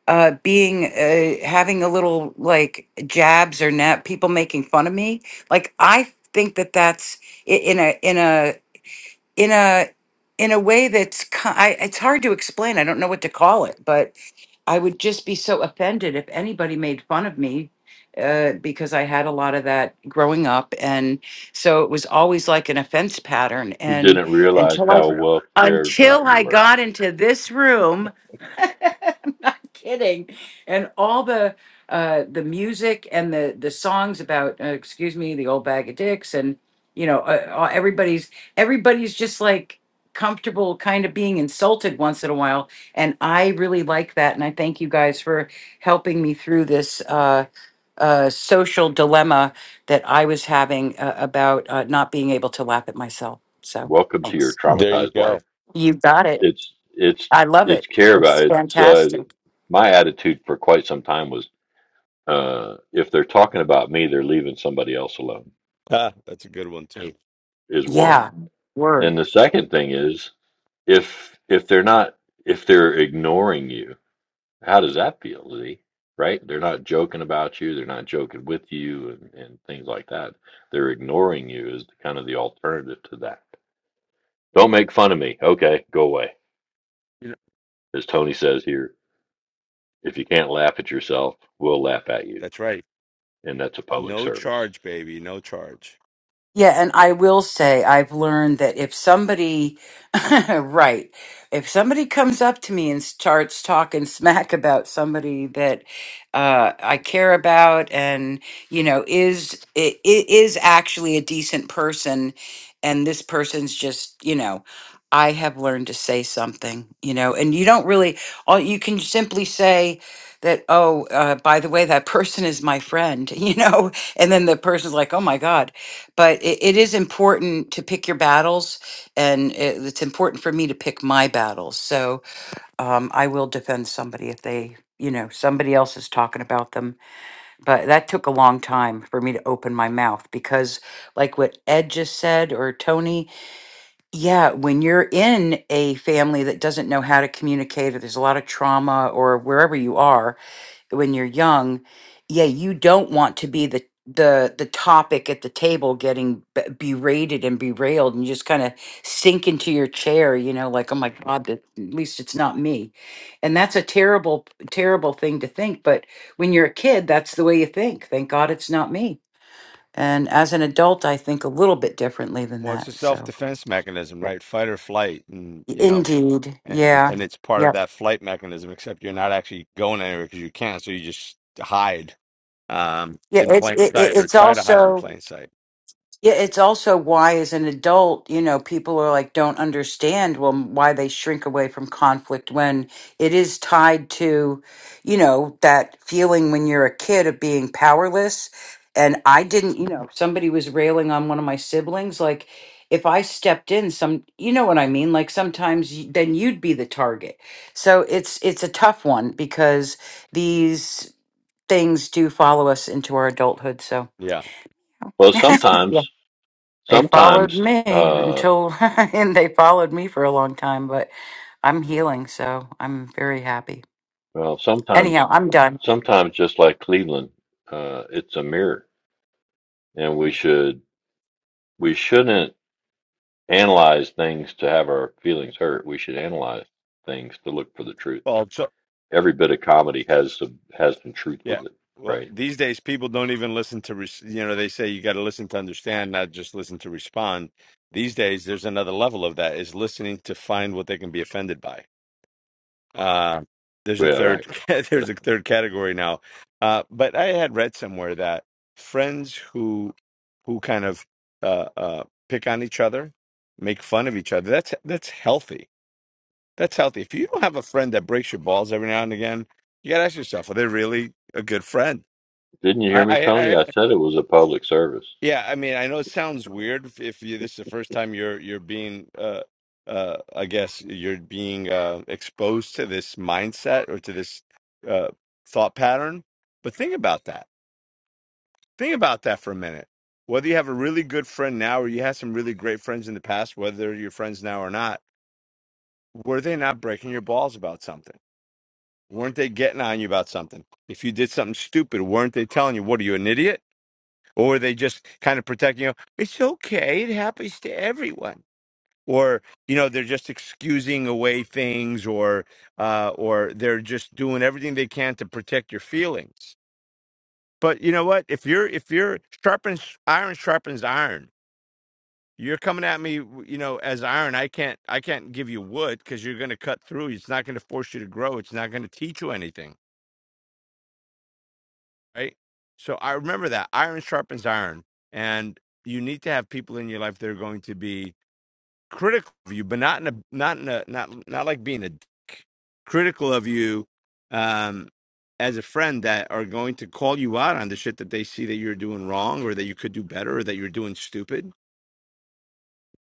S6: uh being uh having a little like jabs or net people making fun of me like i think that that's i- in a in a in a in a way that's ki- I, it's hard to explain i don't know what to call it but I would just be so offended if anybody made fun of me uh, because I had a lot of that growing up, and so it was always like an offense pattern.
S2: You
S6: And
S2: didn't realize
S6: until I
S2: how well cared about
S6: until
S2: you
S6: I
S2: were.
S6: got into this room, I'm not kidding, and all the uh, the music and the the songs about uh, excuse me, the old bag of dicks, and you know uh, uh, everybody's everybody's just like comfortable kind of being insulted once in a while and I really like that. And I thank you guys for helping me through this uh, uh, social dilemma that I was having uh, about uh, not being able to laugh at myself. So
S2: Welcome to your
S6: thanks.
S3: There you
S2: traumatized life.
S3: go.
S6: You got it.
S2: It's it's
S6: I love
S2: it's
S6: it.
S2: care about
S6: It's
S2: it's uh,
S6: fantastic.
S2: my attitude for quite some time was uh, if they're talking about me, they're leaving somebody else alone
S3: Ah, that's a good one too.
S2: is one.
S6: Yeah. Word.
S2: And the second thing is if if they're not if they're ignoring you, How does that feel, Z? Right? They're not joking about you. They're not joking with you and, and things like that. They're ignoring you is kind of the alternative to that. Don't make fun of me. Okay, go away.
S3: You know-
S2: As Tony says here, if you can't laugh at yourself, we'll laugh at you.
S3: That's right.
S2: And that's a public
S3: No
S2: service.
S3: charge, baby. No charge.
S6: Yeah. And I will say, I've learned that if somebody, right. If somebody comes up to me and starts talking smack about somebody that uh, I care about, and you know, is it, it is actually a decent person, and this person's just you know, I have learned to say something, you know, and you don't really. All you can simply say that. Oh, uh, by the way, that person is my friend, you know, and then the person's like, oh my god, but it, it is important to pick your battles and it, it's important for me to pick my battles. So um, I will defend somebody if they, you know, somebody else is talking about them. But that took a long time for me to open my mouth because, like what Ed just said or Tony, yeah, when you're in a family that doesn't know how to communicate or there's a lot of trauma or wherever you are, when you're young yeah you don't want to be the the the topic at the table getting b- berated and berailed and you just kind of sink into your chair you know like oh my god that, at least it's not me and that's a terrible terrible thing to think but when you're a kid that's the way you think thank god it's not me and as an adult i think a little bit differently than
S3: Well, it's a
S6: that so
S3: self-defense mechanism,
S6: Yep.
S3: right? Fight or flight, and you know,
S6: indeed
S3: and,
S6: yeah
S3: and it's part of
S6: yeah
S3: that flight mechanism. Except you're not actually going anywhere because you can't, so you just hide um,
S6: yeah
S3: in
S6: it's
S3: plain
S6: it, it-
S3: sight or
S6: it's
S3: try to hide in
S6: also
S3: plain sight.
S6: Yeah, it's also why, as an adult, you know, people are like, don't understand, well, why they shrink away from conflict when it is tied to, you know, that feeling when you're a kid of being powerless. And I didn't, you know, somebody was railing on one of my siblings. Like, if I stepped in, some, you know what I mean? Like, sometimes y- then you'd be the target. So it's, it's a tough one because these things do follow us into our adulthood. So.
S3: Yeah.
S2: Well, sometimes,
S6: They followed
S2: sometimes,
S6: me
S2: uh,
S6: until, and they followed me for a long time, but I'm healing, so I'm very happy.
S2: well, sometimes,
S6: Anyhow, I'm done.
S2: sometimes just like Cleveland, uh, it's a mirror and we should, we shouldn't analyze things to have our feelings hurt. We should analyze things to look for the truth.
S3: Well, so
S2: Every bit of comedy has some has some truth
S3: Yeah.
S2: with it,
S3: Well,
S2: right?
S3: these days people don't even listen to, res- you know, they say you got to listen to understand, not just listen to respond. These days, there's another level of that is listening to find what they can be offended by. Uh, there's a
S2: Yeah, right.
S3: third, there's a third category now. Uh, but I had read somewhere that friends who, who kind of uh, uh, pick on each other, make fun of each other. That's that's healthy. That's healthy. If you don't have a friend that breaks your balls every now and again, you got to ask yourself, are they really a good friend?
S2: Didn't you
S3: I,
S2: hear me,
S3: I,
S2: Tony?
S3: I,
S2: I said it was a public service.
S3: yeah. I mean, I know it sounds weird if, if you, this is the first time you're you're being, uh, uh, I guess you're being uh, exposed to this mindset or to this uh, thought pattern. But think about that. Think about that for a minute. Whether you have a really good friend now or you had some really great friends in the past, whether you're friends now or not, were they not breaking your balls about something? Weren't they getting on you about something? If you did something stupid, weren't they telling you, "What are you, an idiot?" or they just kind of protect you know it's okay it happens to everyone or you know they're just excusing away things or uh or they're just doing everything they can to protect your feelings but you know what if you're if you're sharpens iron sharpens iron you're coming at me you know as iron i can't i can't give you wood because you're going to cut through it's not going to force you to grow it's not going to teach you anything right so i remember that iron sharpens iron and you need to have people in your life that are going to be critical of you, but not in a not in a not not like being a dick. critical of you um as a friend that are going to call you out on the shit that they see that you're doing wrong or that you could do better or that you're doing stupid.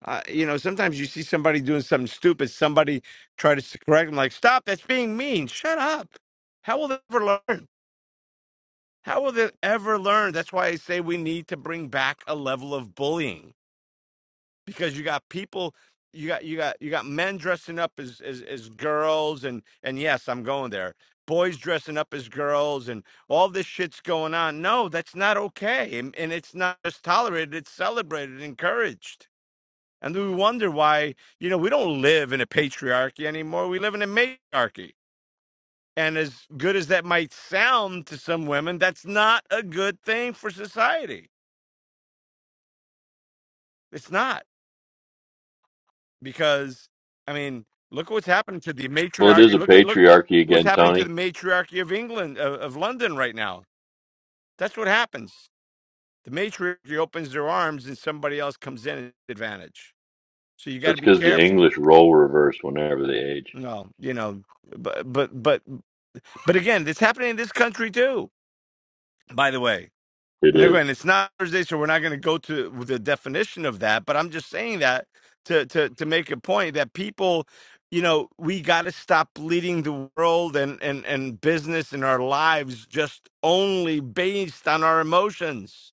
S3: Uh, you know, sometimes you see somebody doing something stupid, somebody try to s- correct them like, "Stop, that's being mean. Shut up." How will they ever learn? How will they ever learn? That's why I say we need to bring back a level of bullying because you got people you got you got you got men dressing up as as, as girls and and yes i'm going there boys dressing up as girls and all this shit's going on no that's not okay and, and it's not just tolerated it's celebrated encouraged and we wonder why you know we don't live in a patriarchy anymore we live in a matriarchy and as good as that might sound to some women that's not a good thing for society it's not because I mean, look what's happened to the
S2: Well, it is
S3: matriarchy.
S2: a
S3: Look at look
S2: patriarchy
S3: what's
S2: again,
S3: happening to the
S2: Tony.
S3: matriarchy of England of, of London right now. That's what happens. The matriarchy opens their arms, and somebody else comes in at advantage. So you got to
S2: That's
S3: be
S2: because the
S3: careful.
S2: English roll reverse whenever they age.
S3: No, you know, but but but but again, it's happening in this country too. By the way.
S2: It
S3: And
S2: is.
S3: again, it's not Thursday, so we're not going to go to the definition of that. But I'm just saying that to to to make a point that people, you know, we got to stop leading the world and and and business in our lives just only based on our emotions.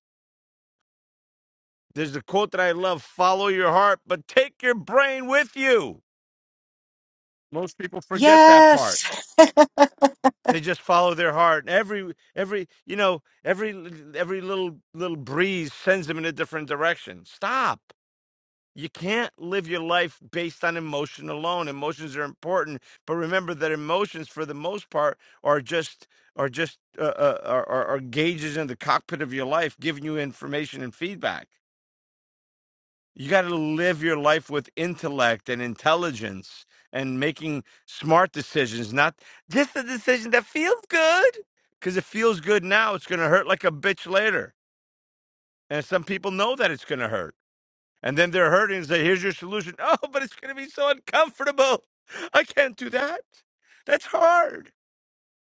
S3: There's a quote that I love: "Follow your heart, but take your brain with you." Most people forget that part.
S6: Yes.
S3: They just follow their heart. Every every you know every every little little breeze sends them in a different direction. Stop. You can't live your life based on emotion alone. Emotions are important, but remember that emotions, for the most part, are just are just uh, uh, are, are are gauges in the cockpit of your life, giving you information and feedback. You got to live your life with intellect and intelligence and making smart decisions, not just a decision that feels good. Because it feels good now, it's going to hurt like a bitch later, and some people know that it's going to hurt. And then they're hurting and say, here's your solution. Oh, but it's going to be so uncomfortable. I can't do that. That's hard.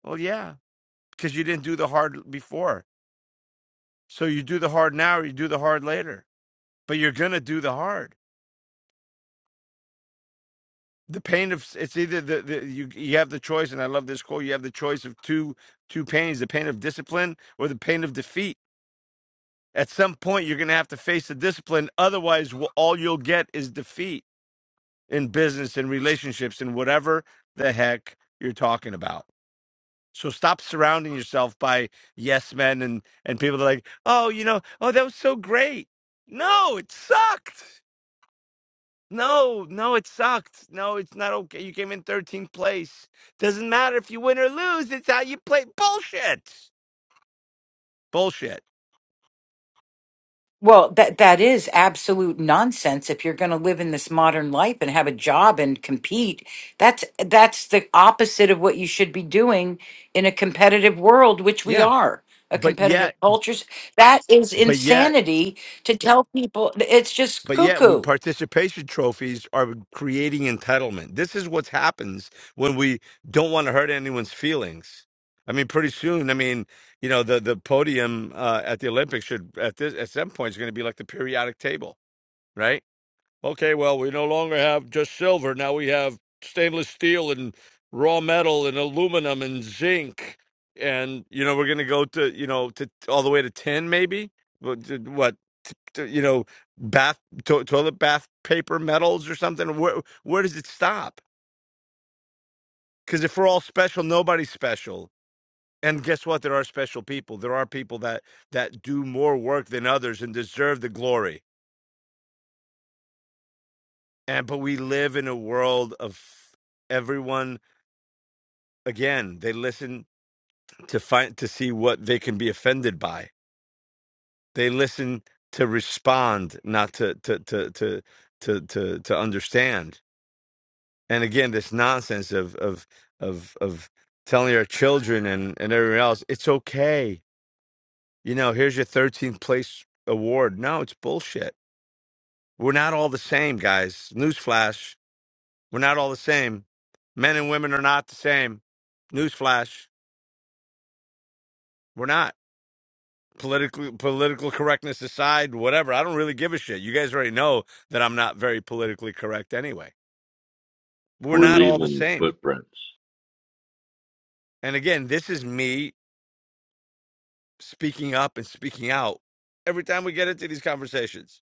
S3: Well, yeah, because you didn't do the hard before. So you do the hard now or you do the hard later. But you're going to do the hard. The pain of it's either the, the you you have the choice, and I love this quote. You have the choice of two two pains: the pain of discipline or the pain of defeat. At some point, you're going to have to face the discipline. Otherwise, wh- all you'll get is defeat in business and relationships and whatever the heck you're talking about. So stop surrounding yourself by yes men and and people that are like, "Oh, you know, oh that was so great." No, it sucked. No, no, it sucked. No, it's not okay. You came in 13th place. Doesn't matter if you win or lose. It's how you play. Bullshit. Bullshit.
S6: well, that that is absolute nonsense if you're going to live in this modern life and have a job and compete. That's that's the opposite of what you should be doing in a competitive world, which we
S3: Yeah.
S6: are. A
S3: But
S6: competitive
S3: yet,
S6: cultures. That is
S3: but yet
S6: insanity to tell people it's just
S3: But yet, we,
S6: cuckoo.
S3: participation trophies are creating entitlement. This is what happens when we don't want to hurt anyone's feelings. I mean, pretty soon, I mean, you know, the the podium uh, at the Olympics should at this at some point is going to be like the periodic table, right? Okay, well, we no longer have just silver. Now we have stainless steel and raw metal and aluminum and zinc. And, you know, we're going to go to, you know, to all the way to tin, maybe. What, to- what to, to, you know, bath, to, toilet bath paper metals or something. Where, where does it stop? Because if we're all special, nobody's special. And guess what? There are special people. There are people that that do more work than others and deserve the glory. And but we live in a world of everyone again they listen to find to see what they can be offended by they listen to respond not to to to to to to, to understand and again this nonsense of of of of telling our children and and everyone else it's okay you know here's your 13th place award no it's bullshit we're not all the same guys newsflash we're not all the same men and women are not the same newsflash we're not political political correctness aside, whatever. I don't really give a shit. You guys already know that I'm not very politically correct anyway. We're
S2: We're
S3: not all the
S2: leaving
S3: same.
S2: footprints.
S3: And again, this is me speaking up and speaking out every time we get into these conversations.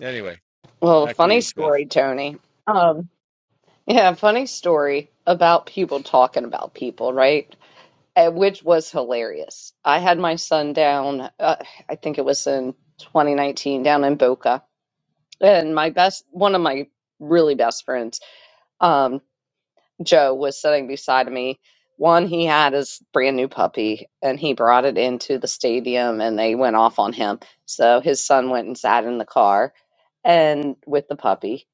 S3: Anyway,
S1: well,
S3: back to
S1: funny
S3: you, Beth.
S1: story, Tony. Um, yeah, funny story about people talking about people, right? eh, which was hilarious. I had my son down, uh, I think it was in 2019, down in Boca. And my best, one of my really best friends, um, Joe, was sitting beside me. One, he had his brand new puppy and he brought it into the stadium and they went off on him. So his son went and sat in the car and with the puppy.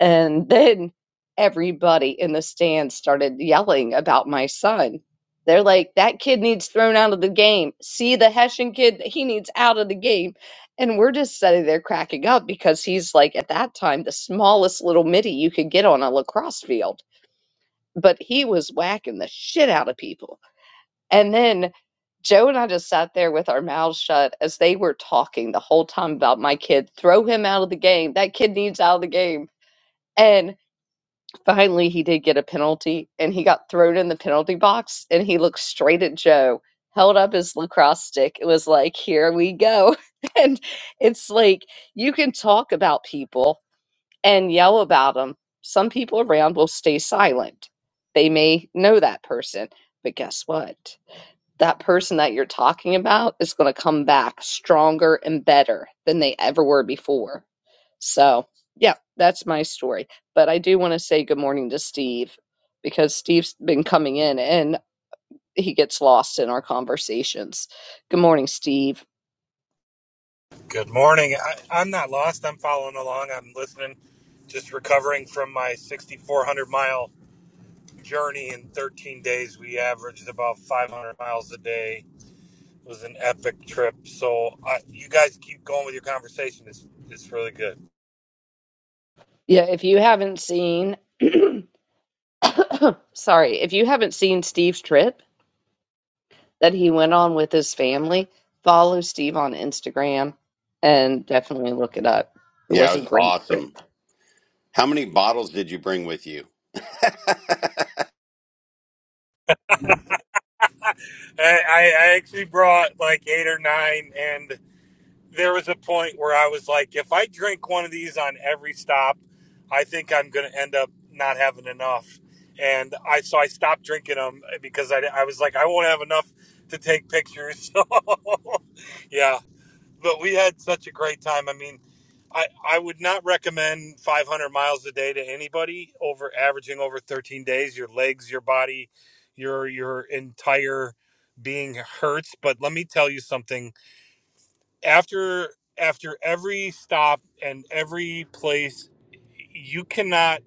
S1: And then everybody in the stands started yelling about my son. They're like, that kid needs thrown out of the game. See the Hessian kid, he needs out of the game. And we're just sitting there cracking up because he's like, at that time, the smallest little midi you could get on a lacrosse field. But he was whacking the shit out of people. And then Joe and I just sat there with our mouths shut as they were talking the whole time about my kid. Throw him out of the game. That kid needs out of the game. And Finally, he did get a penalty and he got thrown in the penalty box and he looked straight at Joe, held up his lacrosse stick. It was like, here we go. And it's like, you can talk about people and yell about them. Some people around will stay silent. They may know that person, but guess what? that person that you're talking about is going to come back stronger and better than they ever were before. So, yeah, that's my story. But I do want to say good morning to Steve because Steve's been coming in and he gets lost in our conversations. Good morning, Steve.
S7: Good morning. I, I'm not lost. I'm following along. I'm listening. Just recovering from my 6,400 mile journey in 13 days. We averaged about 500 miles a day. It was an epic trip. So I, you guys keep going with your conversation. It's it's really good.
S1: Yeah, if you haven't seen, sorry, if you haven't seen Steve's trip that he went on with his family, follow Steve on Instagram and definitely look it up. It
S8: Yeah,
S1: was
S8: it
S1: a
S8: was
S1: great trip.
S8: awesome. How many bottles did you bring with you?
S7: I, I I actually brought like eight or nine, and there was a point where I was like, if I drink one of these on every stop, I think I'm going to end up not having enough. And I so I stopped drinking them because I, I was like, I won't have enough to take pictures. So yeah, but we had such a great time. I mean, I, I would not recommend 500 miles a day to anybody over averaging over 13 days. Your legs, your body, your your entire being hurts. But let me tell you something after after every stop and every place you cannot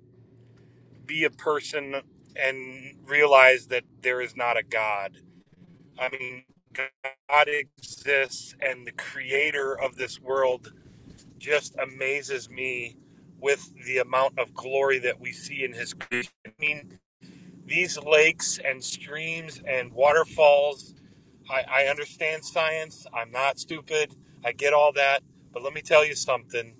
S7: be a person and realize that there is not a god i mean god exists and the creator of this world just amazes me with the amount of glory that we see in his creation i mean these lakes and streams and waterfalls I, I understand science. I'm not stupid. I get all that. But let me tell you something.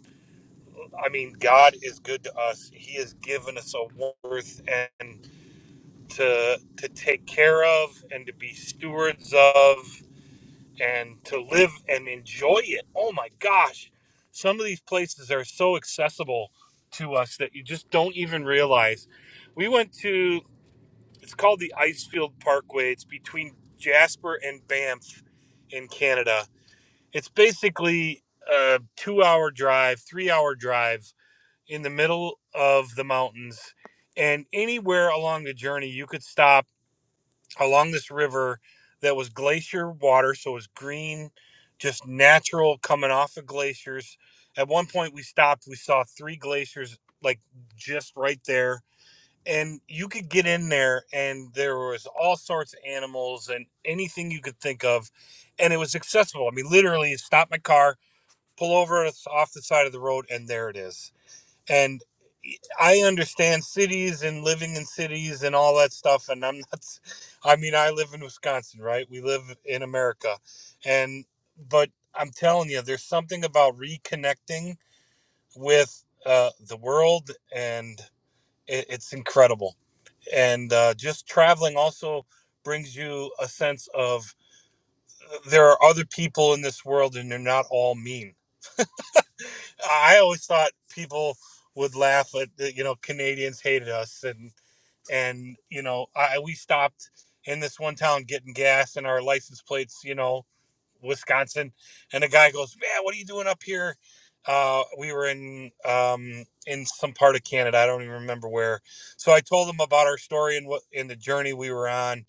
S7: I mean, God is good to us. He has given us a worth and to to take care of and to be stewards of and to live and enjoy it. Oh my gosh. Some of these places are so accessible to us that you just don't even realize. We went to it's called the Icefield Parkway. It's between Jasper and Banff in Canada it's basically a two hour drive, three hour drive in the middle of the mountains. And anywhere along the journey, you could stop along this river that was glacier water. So it was green, just natural coming off of glaciers. At one point, we stopped, we saw three glaciers like just right there. And you could get in there, and there was all sorts of animals and anything you could think of. And it was accessible. I mean, literally, stop my car, pull over it's off the side of the road and there it is and e, i understand cities and living in cities and all that stuff and i'm not i mean i live in wisconsin right we live in america and but i'm telling you there's something about reconnecting with uh, the world and it, it's incredible and uh, just traveling also brings you a sense of uh, there are other people in this world and they're not all mean I always thought people would laugh at the- you know Canadians hated us and and you know I we stopped in this one town getting gas and our license plates you know Wisconsin and the guy goes man what are you doing up here uh, we were in um, in some part of Canada I don't even remember where so I told him about our story and what and the journey we were on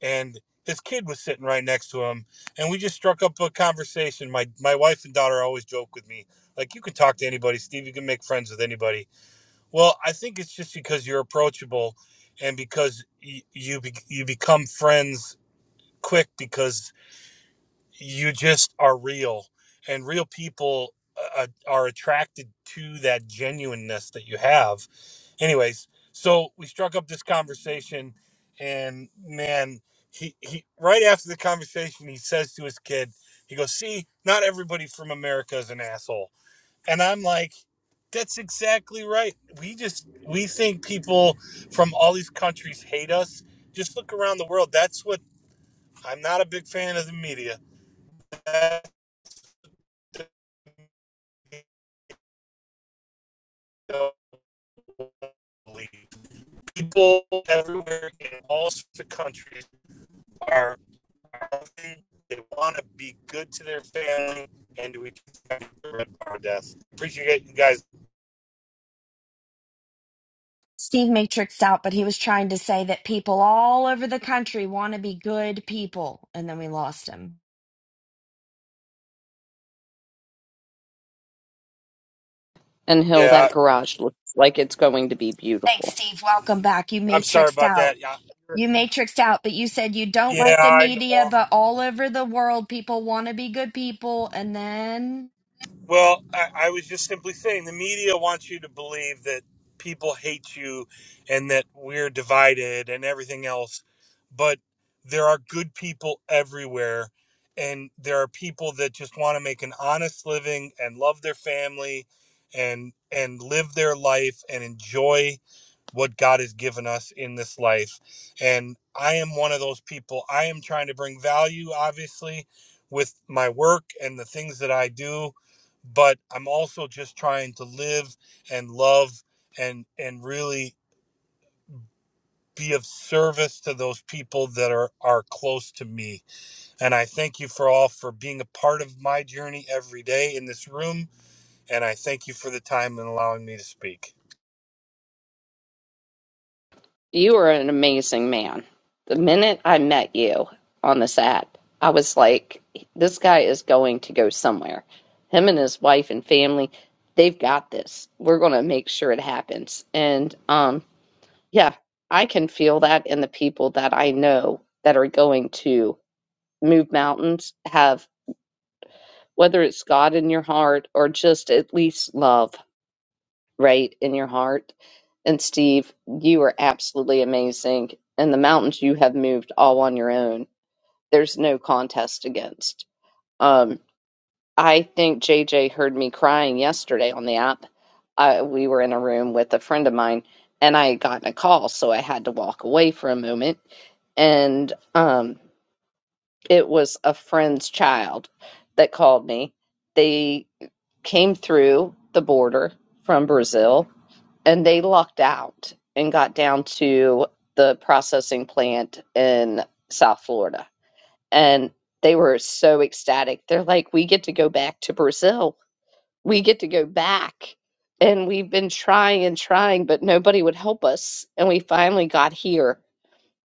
S7: and his kid was sitting right next to him and we just struck up a conversation my my wife and daughter always joke with me like you can talk to anybody steve you can make friends with anybody well i think it's just because you're approachable and because you you, be, you become friends quick because you just are real and real people uh, uh, are attracted to that genuineness that you have anyways so we struck up this conversation and man he, he right after the conversation he says to his kid he goes see not everybody from america is an asshole and i'm like that's exactly right we just we think people from all these countries hate us just look around the world that's what i'm not a big fan of the media That's the media belief. people everywhere in all sorts of countries are." healthy, they want to be good to their family, and do we prevent our death. Appreciate you guys.
S4: Steve Matrixed out, but he was trying to say that people all over the country want to be good people. And then we lost him.
S1: And Hill,
S7: Yeah,
S1: that
S7: I,
S1: garage looks like it's going to be
S4: Thanks,
S1: beautiful.
S4: Steve. Welcome back. You
S7: I'm sorry
S4: matrixed
S7: about
S4: out.
S7: that. Yeah,
S4: You matrixed out, but you said you don't
S7: yeah,
S4: like the
S7: I
S4: media,
S7: know.
S4: but all over the world, people want to be good people. And then
S7: Well, I, I was just simply saying the media wants you to believe that people hate you and that we're divided and everything else. But there are good people everywhere. And there are people that just want to make an honest living and love their family and and live their life and enjoy what God has given us in this life. And I am one of those people. I am trying to bring value, obviously, with my work and the things that I do but I'm also just trying to live and love and and really be of service to those people that are are close to me. And I thank you for all for being a part of my journey every day in this room and I thank you for the time and allowing me to speak.
S1: You are an amazing man. The minute I met you on this app, I was like, this guy is going to go somewhere. Him and his wife and family, they've got this. We're going to make sure it happens. And um, yeah, I can feel that in the people that I know that are going to move mountains, have whether it's God in your heart or just at least love right in your heart. And Steve, you are absolutely amazing. And the mountains you have moved all on your own. There's no contest against. Um, I think JJ heard me crying yesterday on the app. I, we were in a room with a friend of mine, and I had gotten a call, so I had to walk away for a moment. And um, it was a friend's child that called me. They came through the border from Brazil and they lucked out and got down to the processing plant in South Florida. And they were so ecstatic. They're like, we get to go back to Brazil. We get to go back. And we've been trying and trying, but nobody would help us. And we finally got here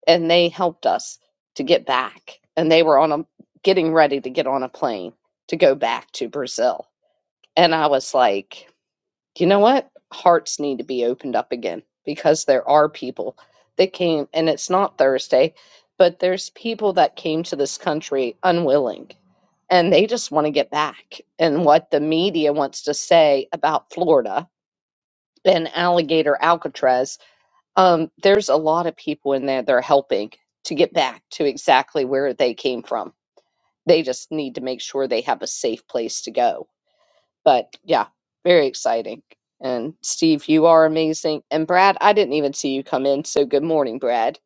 S1: and they helped us to get back. And they were on a getting ready to get on a plane to go back to Brazil. And I was like, you know what? Hearts need to be opened up again because there are people that came, and it's not Thursday, but there's people that came to this country unwilling and they just want to get back. And what the media wants to say about Florida and alligator Alcatraz, um, there's a lot of people in there that are helping to get back to exactly where they came from. They just need to make sure they have a safe place to go but yeah, very exciting. And Steve, you are amazing. And Brad, I didn't even see you come in, so good morning, Brad.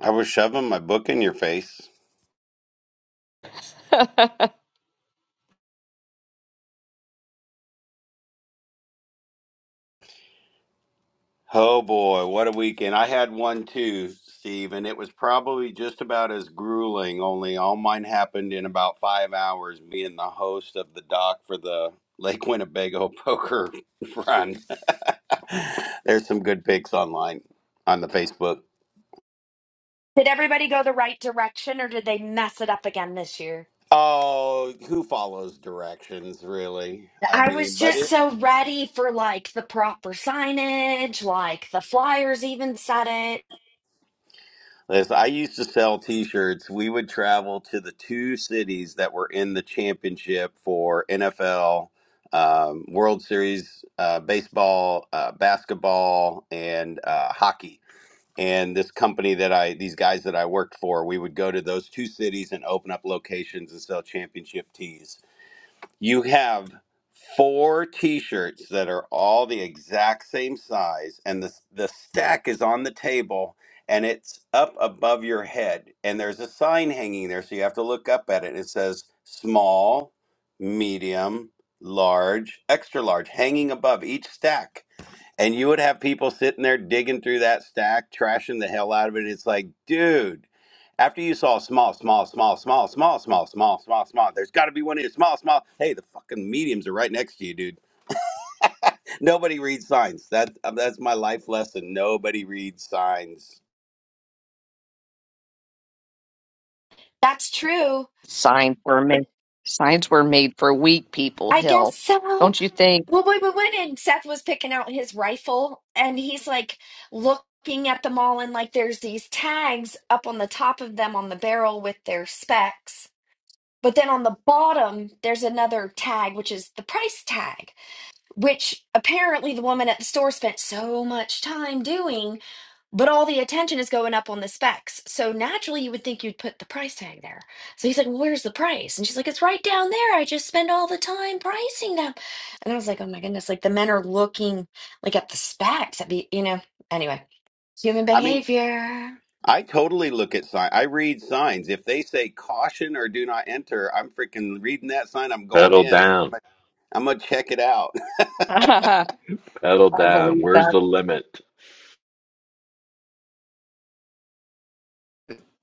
S8: I was shoving my book in your face. Oh boy, what a weekend. I had one too, Steve, and it was probably just about as grueling, only all mine happened in about five hours, being the host of the doc for the Lake Winnebago poker run. There's some good pics online on the Facebook.
S4: Did everybody go the right direction or did they mess it up again this year?
S8: Oh, who follows directions, really? I
S4: I was
S8: mean, but
S4: just
S8: it,
S4: so ready for like the proper signage, like the flyers even said it.
S8: As I used to sell T-shirts, we would travel to the two cities that were in the championship for NFL, um, World Series, uh, baseball, uh, basketball, and uh, hockey. And this company that I, these guys that I worked for, we would go to those two cities and open up locations and sell championship tees. You have four t-shirts that are all the exact same size and the the stack is on the table and it's up above your head and there's a sign hanging there so you have to look up at it. It says small, medium, large, extra large hanging above each stack and you would have people sitting there digging through that stack, trashing the hell out of it. It's like, dude, after you saw small, small, small, small, small, small, small, small, small, there's got to be one here. Small, small. Hey, the fucking mediums are right next to you, dude. Nobody reads signs. That uh, that's my life lesson. Nobody reads signs.
S4: That's true.
S1: signs were made signs were made for weak people
S4: I guess
S1: hill
S4: so.
S1: don't you think
S4: Well, we, we went and Seth was picking out his rifle, and he's like looking at them all, and like there's these tags up on the top of them on the barrel with their specs. But then on the bottom, there's another tag, which is the price tag which apparently the woman at the store spent so much time doing, but all the attention is going up on the specs. So naturally, you would think you'd put the price tag there. So he's like, Well, where's the price? And she's like, It's right down there. I just spend all the time pricing them. And I was like, Oh my goodness. Like the men are looking like at the specs. That'd be, you know, anyway, human
S8: I mean,
S4: behavior.
S8: I totally look at signs. I read signs. If they say caution or do not enter, I'm freaking reading that sign. I'm going
S2: Pedal
S8: in.
S2: down,
S8: I'm gonna check it out.
S1: i
S2: pedal down.
S1: believe
S2: Where's
S1: that
S2: the limit?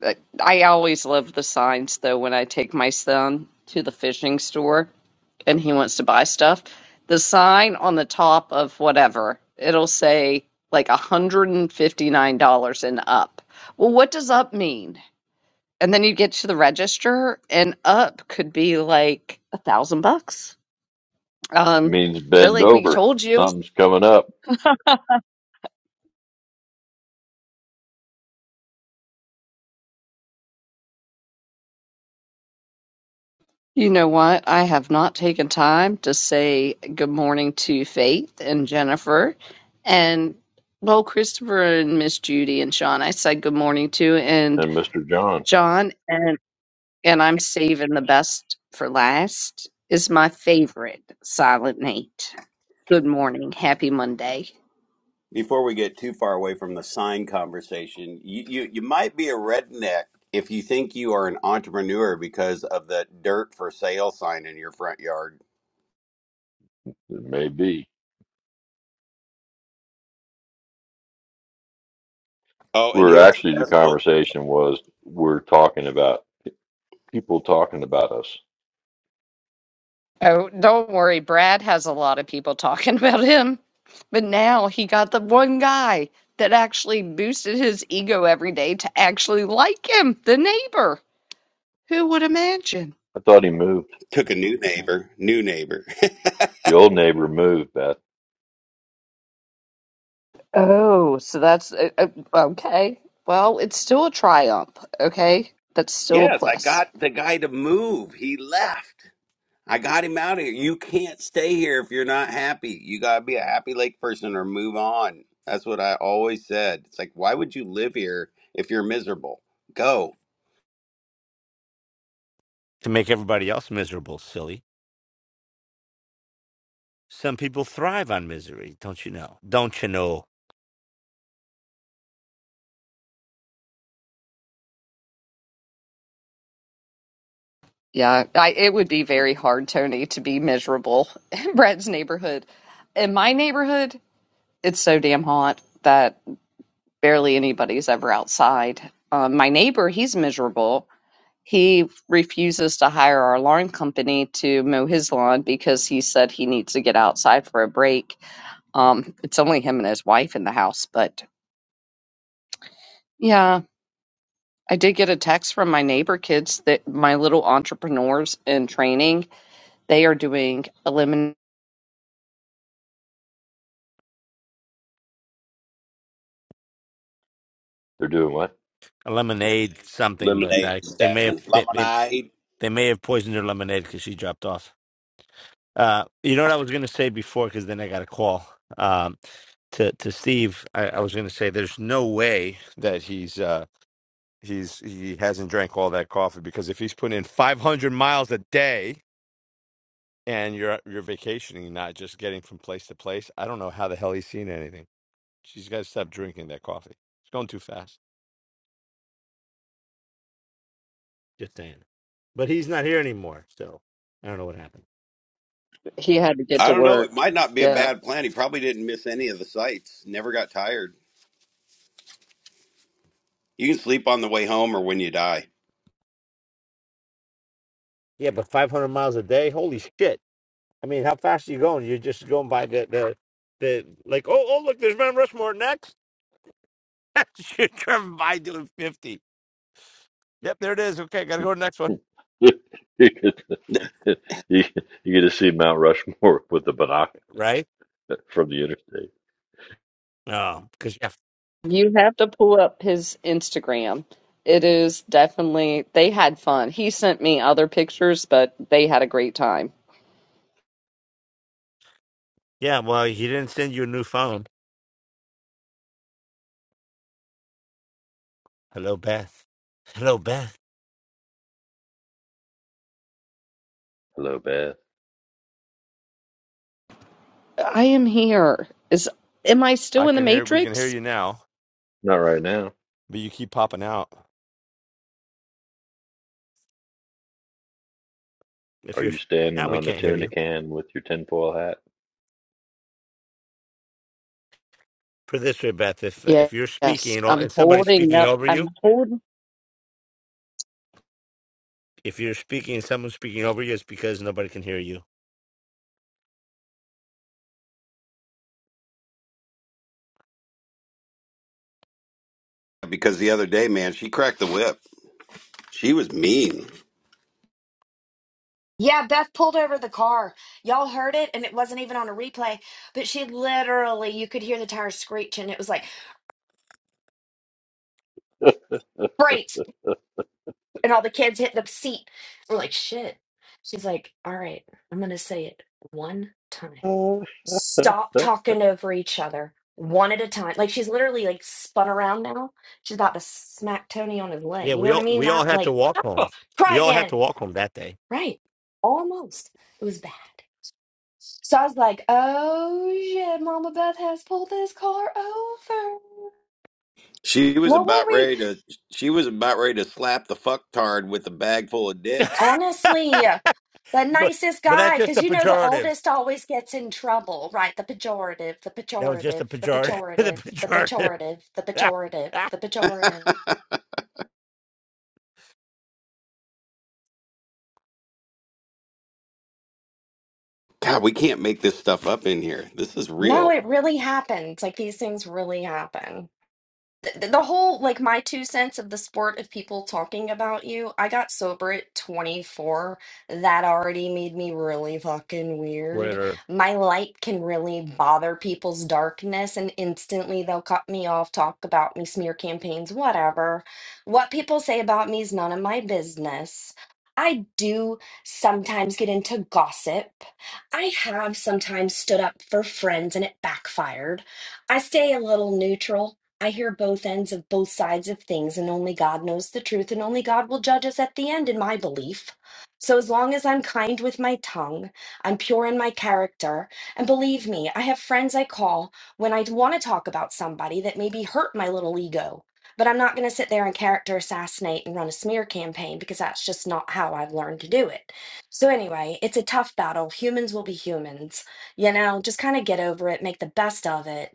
S1: Uh, i always love the signs though when i take my son to the fishing store and he wants to buy stuff the sign on the top of whatever it'll say like $159 and up well what does up mean And then you get to the register, and up could be like a thousand bucks. Um,
S2: means
S1: they're
S2: bend
S1: like, we
S2: over.
S1: told you.
S2: Something's coming up.
S1: You know what? I have not taken time to say good morning to Faith and Jennifer, and well, Christopher and Miss Judy and Sean. I said good morning to and
S2: And Mr. John,
S1: John and and I'm saving the best for last. Is my favorite Silent Nate. Good morning, happy Monday.
S8: Before we get too far away from the sign conversation, you, you, you might be a redneck if you think you are an entrepreneur because of the dirt for sale sign in your front yard.
S2: it may be.
S8: Oh, and
S2: We're
S8: here's the
S2: actually, the
S8: best one.
S2: conversation was we're talking about people talking about us.
S1: Oh, don't worry. Brad has a lot of people talking about him. But now he got the one guy that actually boosted his ego every day to actually like him, the neighbor. Who would imagine?
S2: I thought he moved.
S8: Took a new neighbor, new neighbor.
S2: The old neighbor moved, Beth.
S1: Oh, so that's uh, uh, okay. Well, it's still a triumph, okay? That's still a
S8: yes, I
S1: plus.
S8: got the guy to move. He left. I got him out of here. You can't stay here if you're not happy. You got to be a happy lake person or move on. That's what I always said. It's like, why would you live here if you're miserable? Go.
S3: To make everybody else miserable, silly. Some people thrive on misery, don't you know? Don't you know?
S1: Yeah, I, it would be very hard, Tony, to be miserable in Brad's neighborhood. In my neighborhood, it's so damn hot that. barely anybody's ever outside. Um, my neighbor, he's miserable. He refuses to hire our lawn company to mow his lawn because he said he needs to get outside for a break. Um, it's only him and his wife in the house, but yeah, I did get a text from my neighbor kids that my little entrepreneurs in training, they are doing eliminate.
S2: They're doing what?
S3: A lemonade,
S8: Lemonade.
S3: something, but
S8: Lemonade
S3: I, they may have
S8: stand.
S3: they, they,
S8: Lemonade.
S3: they may have poisoned her lemonade because she dropped off. Uh, you know what I was going to say before, because then I got a call um, to to Steve. I, I was going to say there's no way that he's uh, he's he hasn't drank all that coffee because if he's putting in 500 miles a day and you're you're vacationing, not just getting from place to place, I don't know how the hell he's seen anything. She's got to stop drinking that coffee. It's going too fast. Just saying. But he's not here anymore, so I don't know what happened.
S1: He had to get
S8: I
S1: to
S8: don't know. It
S1: work.
S8: might not be a
S1: Yeah.
S8: bad plan. He probably didn't miss any of the sights. Never got tired. You can sleep on the way home or when you die.
S3: Yeah, but 500 miles a day, holy shit! I mean, how fast are you going? You're just going by the the, the like. Oh, oh, look, there's Mount Rushmore next. You're driving by doing fifty. Yep, there it is. Okay, gotta go to the next one.
S2: you could you get to see Mount Rushmore with the binoc
S3: Right?
S2: from the interstate.
S3: Oh, because yeah,
S1: You have to pull up his Instagram. It is definitely, they had fun. He sent me other pictures, but they had a great time.
S3: yeah. Well, he didn't send you a new phone. Hello, Beth. Hello, Beth.
S2: Hello, Beth.
S1: I am here. Is, am I
S3: I
S1: still in the
S3: can hear we can hear
S1: Matrix?
S3: you now,
S2: Not right now.
S3: but you keep popping out. If
S2: Are
S3: you're
S2: you
S3: now,
S2: standing
S3: we
S2: on the
S3: can't hear
S2: tuna
S3: you.
S2: can with your tinfoil hat?
S3: Put it this way, Beth. If if you're speaking
S1: Yes,
S3: and all, if
S1: I'm
S3: somebody's
S1: holding
S3: speaking
S1: up.
S3: over you,
S1: I'm holding.
S3: if you're speaking and someone's speaking over you, it's because nobody can hear you.
S8: Because the other day, man, she cracked the whip. She was mean.
S4: Yeah, Beth pulled over the car. Y'all heard it, and it wasn't even on a replay, but she literally, you could hear the tires screech, and it was like, brakes, And all the kids hit the seat. We're like, shit. She's like, all right, I'm going to say it one time.
S2: Uh,
S4: Stop talking over each other one at a time. Like she's literally like spun around now. She's about to smack Tony on his
S3: Yeah,
S4: leg. You know
S3: we
S4: what I
S3: all
S4: mean?
S3: we all
S4: Not
S3: had to
S4: like,
S3: walk
S4: "Oh,
S3: home.
S4: try
S3: We all had to
S4: again.
S3: walk home that day.
S4: Right. Almost. It was bad. So I was like, oh shit, Mama Beth has pulled this car over.
S8: She was
S4: What were
S8: about
S4: we?
S8: ready to. She was about ready to slap the fucktard with a bag full of dicks.
S3: but
S4: Honestly. The nicest
S3: but that's
S4: guy,
S3: just a
S4: because you know the
S3: pejorative.
S4: oldest always gets in trouble, right? The pejorative, the
S3: That was just
S4: pejorative,
S3: a
S4: the
S3: pejorative. the
S4: pejorative, the
S3: pejorative.
S4: pejorative, the pejorative, the pejorative.
S8: God, we can't make this stuff up in here. This is
S4: No,
S8: real.
S4: it really happens. Like these things really happen. the, the whole like my two cents of the sport of people talking about you i got sober at 24 that already made me really fucking weird
S3: Quitter.
S4: my light can really bother people's darkness and instantly they'll cut me off talk about me smear campaigns whatever what people say about me is none of my business I do sometimes get into gossip. I have sometimes stood up for friends and it backfired. I stay a little neutral I hear both ends of both sides of things, and only God knows the truth, and only God will judge us at the end, in my belief. So, as long as I'm kind with my tongue, I'm pure in my character, and believe me, I have friends I call when I want to talk about somebody that maybe hurt my little ego. But I'm not going to sit there and character assassinate and run a smear campaign because that's just not how I've learned to do it. So, anyway, it's a tough battle. Humans will be humans. You know, just kind of get over it, make the best of it,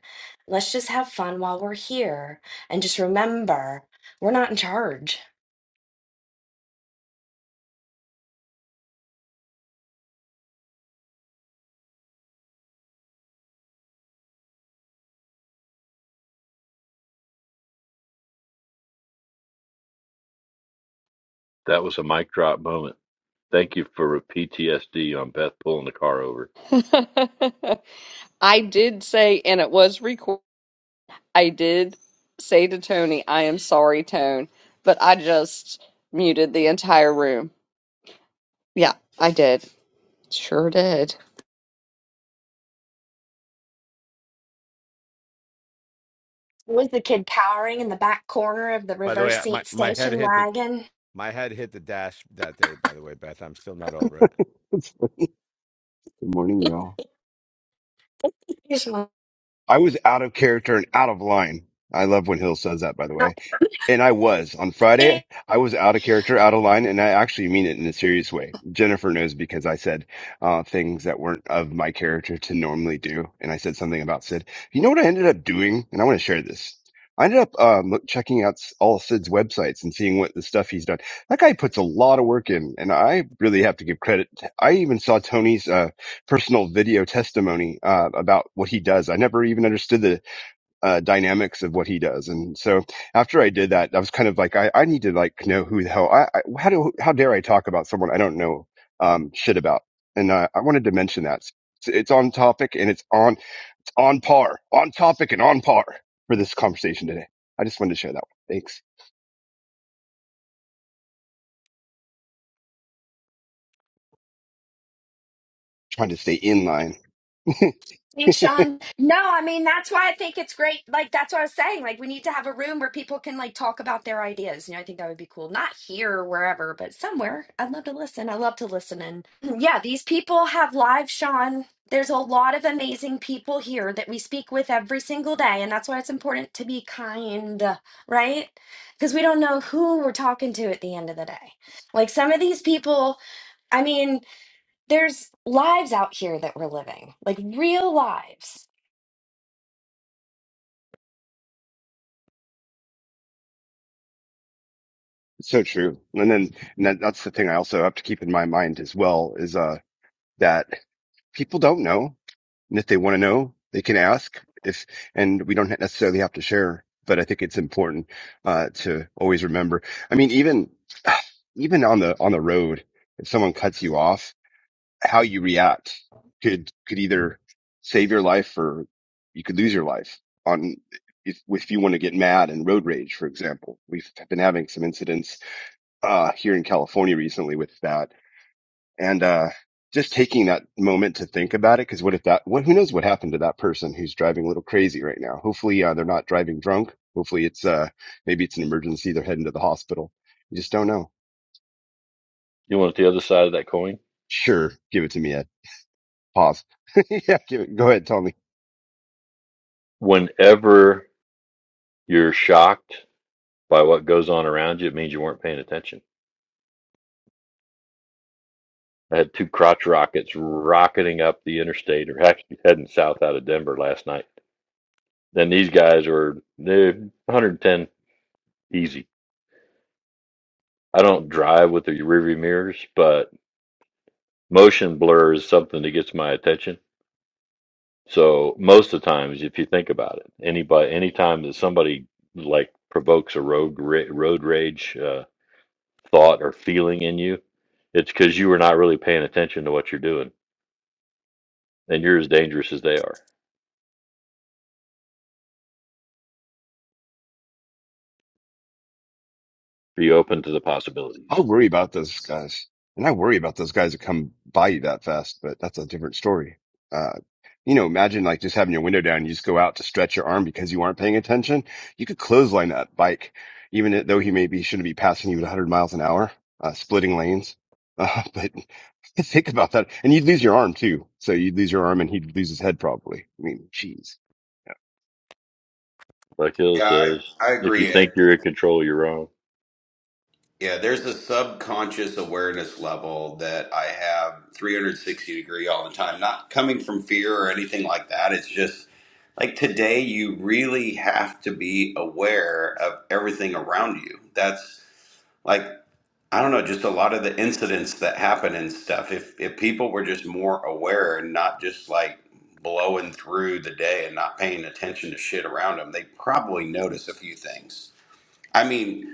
S4: Let's just have fun while we're here and just remember we're not in charge.
S2: that was a mic drop moment. Thank you for PTSD on Beth pulling the car over.
S1: I did say, and it was recorded, I did say to Tony, I am sorry, Tone, but I just muted the entire room. Yeah, I did. Sure did.
S4: What Was the kid cowering in the back corner of the
S3: By the
S4: reverse
S3: way, my,
S4: seat
S3: my head
S4: station
S3: hit the
S4: wagon?
S3: my head hit the dash that day. By the way, Beth, I'm still not over it.
S9: It's Good morning, y'all.
S4: He's not
S9: I was out of character and out of line. I love when Hill says that, by the way. And I was on
S4: in
S9: Friday. I was out of character, out of line, and I actually mean it in a serious way. Jennifer knows because I said uh, things that weren't of my character to normally do, and I said something about Sid. You know what I ended up doing, and I want to share this. I ended up um, look- checking out s- all Sid's websites and seeing what the stuff he's done. That guy puts a lot of work in, and I really have to give credit. I even saw Tony's uh, personal video testimony uh, about what he does. I never even understood the uh, dynamics of what he does. And so after I did that, I was kind of like, I, I need to like know who the hell I, I how do how dare I talk about someone I don't know um, shit about? And uh, I wanted to mention that it's, it's on topic and it's on it's on par, on topic and on par for this conversation today. I just wanted to share that. One. Thanks. Trying to stay in line.
S4: Thanks, Sean. No, I mean that's why I think it's great. Like that's what I was saying. Like we need to have a room where people can like talk about their ideas. You know, I think that would be cool. Not here or wherever, but somewhere. I'd love to listen. I love to listen. And yeah, these people have live Sean. There's a lot of amazing people here that we speak with every single day, and that's why it's important to be kind, right? Because we don't know who we're talking to at the end of the day. Like some of these people, I mean, there's lives out here that we're living, like real lives
S9: It's so true. And then and that, that's the thing I also have to keep in my mind as well is uh that people don't know And if they want to know, they can ask. If and we don't necessarily have to share, but I think it's important uh, to always remember. I mean, even even on the on the road, if someone cuts you off, how you react could could either save your life or you could lose your life. On if if you want to get mad and road rage, for example, we've been having some incidents uh, here in California recently with that and uh, just taking that moment to think about it. Because what if that? What who knows what happened to that person who's driving a little crazy right now? Hopefully, uh, they're not driving drunk. Hopefully, it's uh, maybe it's an emergency. They're heading to the hospital. You just don't know.
S2: You want the other side of that coin?
S9: Sure, give it to me, Ed. Pause. yeah, give it, go ahead, tell me.
S2: Whenever You're shocked by what goes on around you. It means you weren't paying attention. I had two crotch rockets rocketing up the interstate or actually heading south out of Denver last night. Then these guys were they're 110 easy. I don't drive with the rearview mirrors, but motion blur is something that gets my attention. So most of the times, if you think about it, anybody, anytime that somebody like provokes a road ra- road rage uh, thought or feeling in you, it's because you were not really paying attention to what you're doing and you're as dangerous as they are. Be open to the
S9: I
S2: possibilities.
S9: worry about those guys, and I worry about those guys that come by you that fast. But that's a different story. Uh, you know, imagine like just having your window down. You just go out to stretch your arm because you aren't paying attention. You could clothesline that bike, even though he maybe shouldn't be passing you at 100 miles an hour, uh, splitting lanes. Uh, but think about that, and you'd lose your arm too. So you'd lose your arm, and he'd lose his head probably. I mean, jeez.
S2: Like Hill
S8: Yeah,
S2: says,
S8: I, I
S2: if you
S8: agree,
S2: think
S8: Ed.
S2: you're in control, you're wrong.
S8: Yeah, there's a subconscious awareness level that I have 360 degree all the time. Not coming from fear or anything like that. It's just like today you really have to be aware of everything around you. That's like I don't know, just a lot of the incidents that happen and stuff. If if people were just more aware and not just like blowing through the day and not paying attention to shit around them, they probably notice a few things. I mean,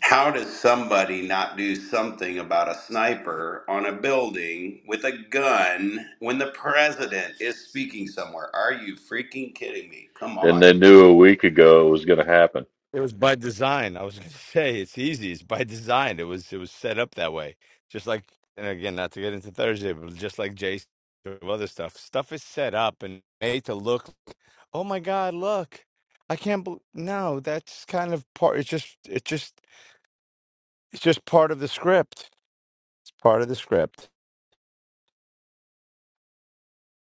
S8: how does somebody not do something about a sniper on a building with a gun when the president is speaking somewhere? Are you freaking kidding me? Come
S2: And
S8: on.
S2: they knew a week ago it was going to happen.
S3: It was by design. I was going to say it's easy. It's by design. It was it was set up that way. Just like and again, not to get into Thursday, but just like Jason of other stuff. Stuff is set up and made to look. like, Oh my God! Look, I can't. bel no, that's kind of part. It's just it's just it's just part of the script part of the script.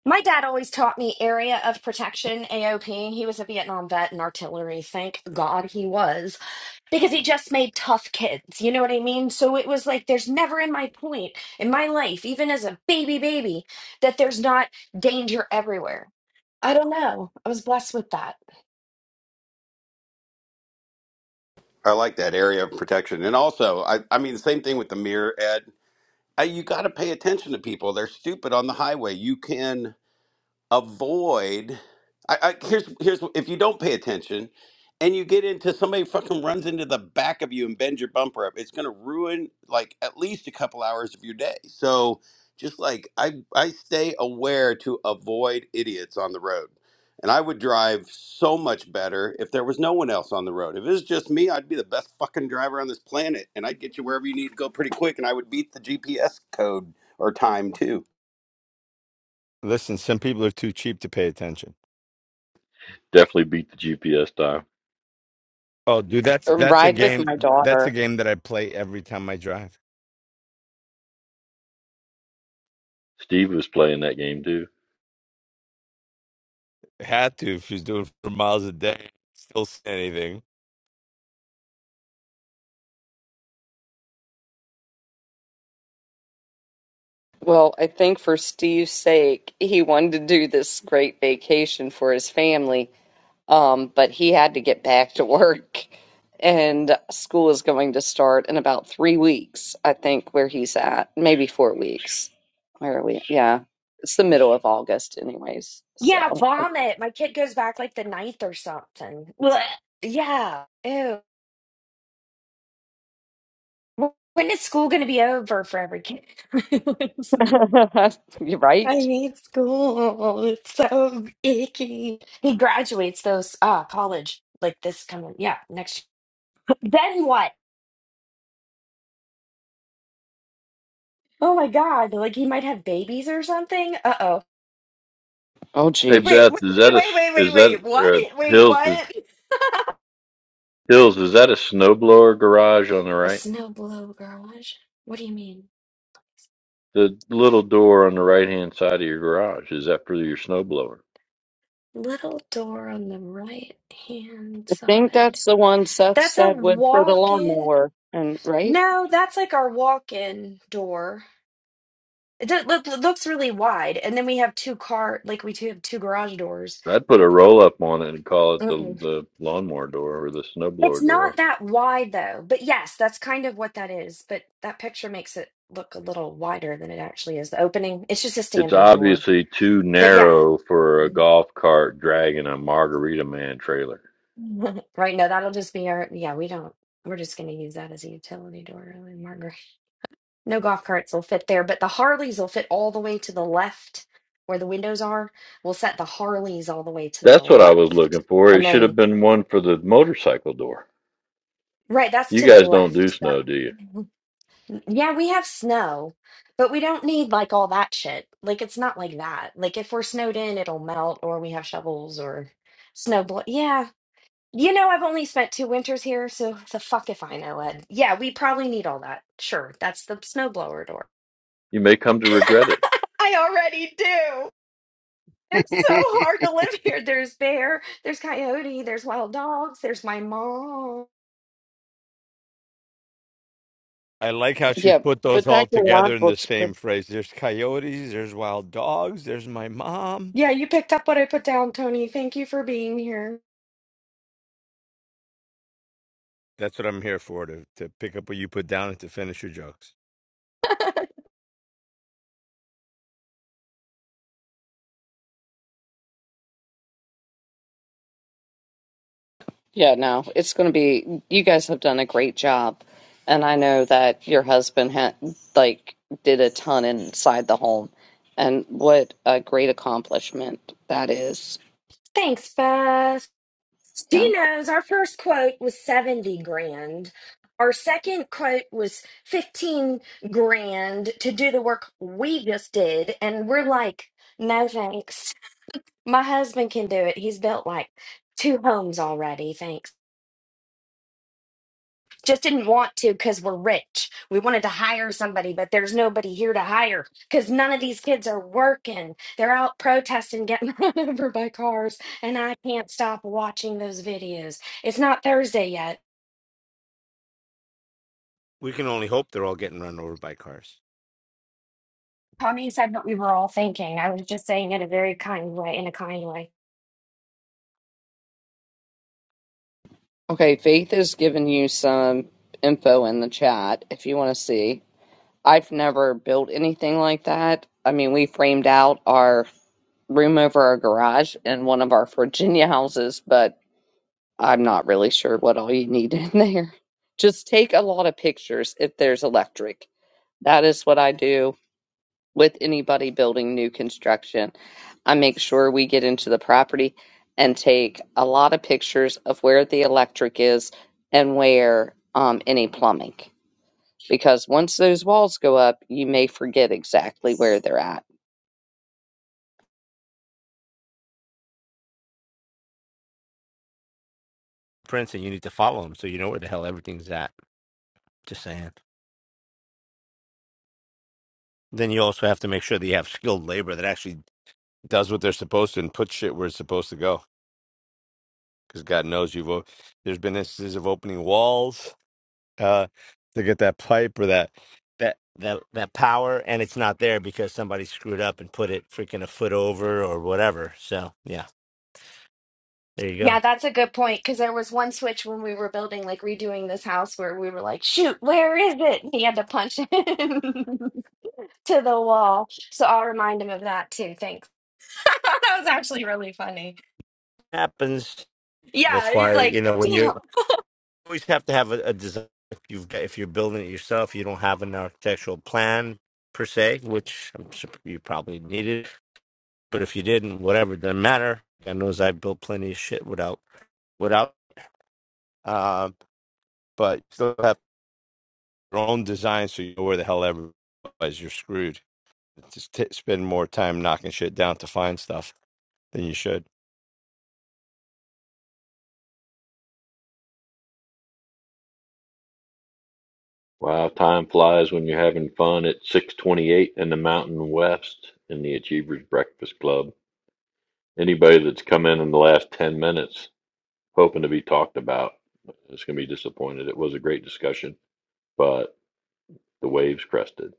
S4: My dad always taught me area of protection, AOP. He was a Vietnam vet and artillery. Thank God he was, because he just made tough kids. You know what I mean? So it was like there's never in my point in my life, even as a baby baby, that there's not danger everywhere. I don't know. I was blessed with that.
S8: I like that area of protection. And also, I, I mean, the same thing with the mirror, Ed. I, you got to pay attention to people. They're stupid on the highway. You can. avoid. I, I here's here's if you don't pay attention, and you get into somebody fucking runs into the back of you and bends your bumper up, it's gonna ruin like at least a couple hours of your day. So just like I I stay aware to avoid idiots on the road. And I would drive so much better if there was no one else on the road. If it was just me, I'd be the best fucking driver on this planet and I'd get you wherever you need to go pretty quick and I would beat the GPS code or time too.
S3: Listen, some people are too cheap to pay attention.
S2: Definitely beat the GPS time.
S3: Oh, dude, that's that's a
S1: Ride with
S3: game.
S1: my
S3: That's
S1: daughter.
S3: a game that I play every time I drive.
S2: Steve was playing that game too.
S3: Had to if she's doing four miles a day, still say anything.
S1: Well, I think for Steve's sake, he wanted to do this great vacation for his family, um, but he had to get back to work. And school is going to start in about three weeks, I think, where he's at. Maybe four weeks. Where are we? Yeah. It's the middle of August, anyways.
S4: Yeah,
S1: So,
S4: vomit. My kid goes back like the ninth or something. Well, yeah. Ew. When is school going to be over for every kid?
S1: you're
S4: I
S1: right.
S4: hate school. It's so icky. He graduates those uh college like this coming yeah, next year. Then what? Oh my God, like he might have babies or something. Uh-oh.
S1: Oh,
S2: Hey
S1: geez.
S4: Wait,
S2: Beth,
S4: wait,
S2: is that
S4: wait,
S2: a
S4: wait, wait,
S2: is
S4: wait,
S2: that
S4: wait. What?
S2: uh,
S4: Wait,
S2: Hills is,
S4: what?
S2: Hills is that a snowblower garage on the
S4: A
S2: right?
S4: snowblower garage? What do you mean?
S2: The little door on the right hand side of your garage is that for your snowblower?
S4: Little door on the right hand
S1: I think
S4: side.
S1: that's the one Seth
S4: That's a
S1: said was for the
S4: walk-in.
S1: lawnmower. And, right?
S4: No, that's like our walk-in door. It, does, look, it looks really wide, and then we have two car, like we two have two garage doors.
S2: I'd put a roll up on it and call it the
S4: Mm-mm.
S2: the lawnmower door or the
S4: It's
S2: snowblower door.
S4: not that wide though, but yes, that's kind of what that is. But that picture makes it look a little wider than it actually is. The opening, it's just a
S2: It's
S4: standard door.
S2: obviously too
S4: But yeah,
S2: narrow for a
S4: Mhm.
S2: golf cart dragging a margarita man trailer.
S4: right. No, that'll just be our. Yeah, we don't. We're just going to use that as a utility door, really, Margaret. No golf carts will fit there, but the Harleys will fit all the way to the left where the windows are. We'll set the Harleys all the way to the
S2: That's what I was
S4: left.
S2: looking for. It
S4: and
S2: should
S4: then.
S2: have been one for the motorcycle door.
S4: Right, that's
S2: You
S4: to the
S2: guys don't do
S4: left. That
S2: snow, do you?
S4: mm-hmm. yeah, we have snow, but we don't need like all that shit. Like it's not like that. Like if we're snowed in, it'll melt or we have shovels or snow blo- Yeah. You know, I've only spent two winters here, so the fuck if I know, Ed. Yeah, we probably need all that. Sure, that's the snowblower door.
S2: You may come to regret it.
S4: I already do. It's so hard to live here. There's bear, there's coyote, there's wild dogs, there's my mom.
S3: I like how she
S1: Yeah.
S3: put those
S1: But
S3: all
S1: that garage
S3: together in the
S1: looks
S3: same phrase. There's coyotes, there's wild dogs, there's my mom.
S4: Yeah, you picked up what I put down, Tony. Thank you for being here.
S3: That's what I'm here for to to pick up what you put down and to finish your jokes.
S1: Yeah, no, it's going to be, you guys have done a great job. And I know that your husband had, like, did a ton inside the home. And what a great accomplishment that is.
S4: Thanks, Beth. She
S1: Yeah.
S4: knows our first quote was 70 grand. Our second quote was 15 grand to do the work we just did. And we're like, no thanks. My husband can do it. He's built like two homes already. just didn't want to because we're rich. We wanted to hire somebody, but there's nobody here to hire because none of these kids are working. They're out protesting, getting run over by cars, and I can't stop watching those videos. It's not Thursday yet.
S3: We can only hope they're all getting run over by cars.
S4: Tommy said what we were all thinking. I was just saying it a very kind way, in a kind way.
S1: Okay, Faith has given you some info in the chat if you want to see. I've never built anything like that. I mean, we framed out our room over our garage in one of our Virginia houses, but I'm not really sure what all you need in there. Just take a lot of pictures if there's electric. That is what I do with anybody building new construction. I make sure we get into the property and take a lot of pictures of where the electric is and where um, any plumbing. Because once those walls go up, you may forget exactly where they're at.
S3: Princeton, you need to follow them so you know where the hell everything's at. Just saying. Then you also have to make sure that you have skilled labor that actually does what they're supposed to and puts shit where it's supposed to go. Because God knows you've o- there's been instances of opening walls uh, to get that pipe or that that that that power, and it's not there because somebody screwed up and put it freaking a foot over or whatever. So yeah, there you go.
S4: Yeah, that's a good point because there was one switch when we were building, like redoing this house, where we were like, shoot, where is it? And he had to punch it to the wall. So I'll remind him of that too. Thanks. that was actually really funny.
S3: Happens.
S4: Yeah,
S3: That's
S4: it's
S3: why you
S4: like,
S3: know when
S4: damn.
S3: you always have to have a, a design. If you've got, if you're building it yourself, you don't have an architectural plan per se, which I'm sure you probably needed. But if you didn't, whatever, it doesn't matter. God knows I built plenty of shit without without. Um, but still have your own design, so you know where the hell ever. Otherwise, you're screwed. Just t- spend more time knocking shit down to find stuff than you should.
S2: Wow, time flies when you're having fun at 628 in the Mountain West in the Achievers Breakfast Club. Anybody that's come in in the last 10 minutes hoping to be talked about is going to be disappointed. It was a great discussion, but the waves crested.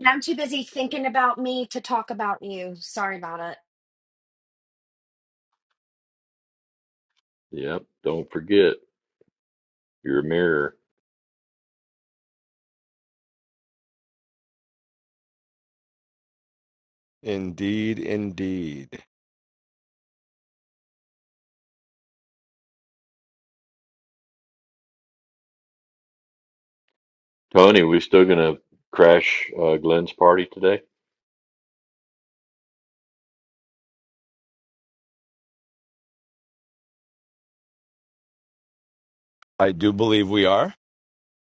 S4: And I'm too busy thinking about me to talk about you. Sorry about it.
S2: Yep, don't forget. Your mirror.
S3: Indeed, indeed.
S2: Tony, we still gonna crash uh, Glenn's party today?
S3: I do believe we are.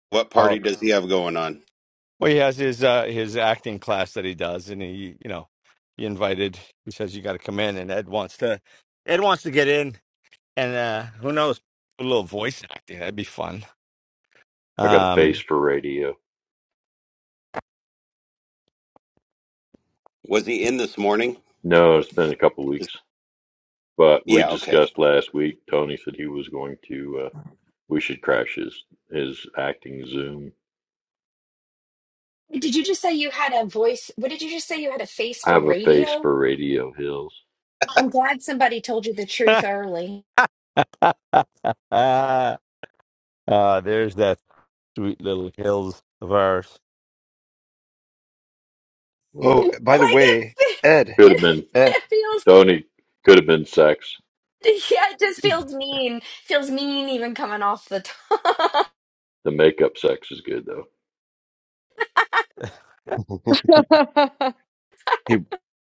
S8: What
S3: Oh,
S8: party does he have going on?
S3: well, he has his uh, his acting class that he does, and he, you know, he invited. He says you got to come in, and Ed wants to. Ed wants to get in, and uh, who knows? A little voice acting that'd be fun.
S2: I got a face
S3: Um,
S2: for radio.
S8: Was he in this morning?
S2: No, it's been a couple weeks, but we
S8: Yeah, okay.
S2: discussed last week. Tony said he was going to. Uh, we should crash his his acting Zoom.
S4: Did you just say you had a voice? What did you just say you had a face
S2: I
S4: for
S2: have a face
S4: radio?
S2: for radio hills.
S4: I'm glad somebody told you the truth early.
S3: ah, ah, there's that sweet little hills of ours.
S2: Well,
S9: oh, by the
S4: Like it,
S9: way, Ed,
S2: could
S4: fe-
S2: have been
S9: Ed.
S4: it feels,
S2: Tony. Could have been sex.
S4: yeah, it just feels mean. Feels mean even coming off the top.
S2: The makeup sex is good though.
S9: Hey,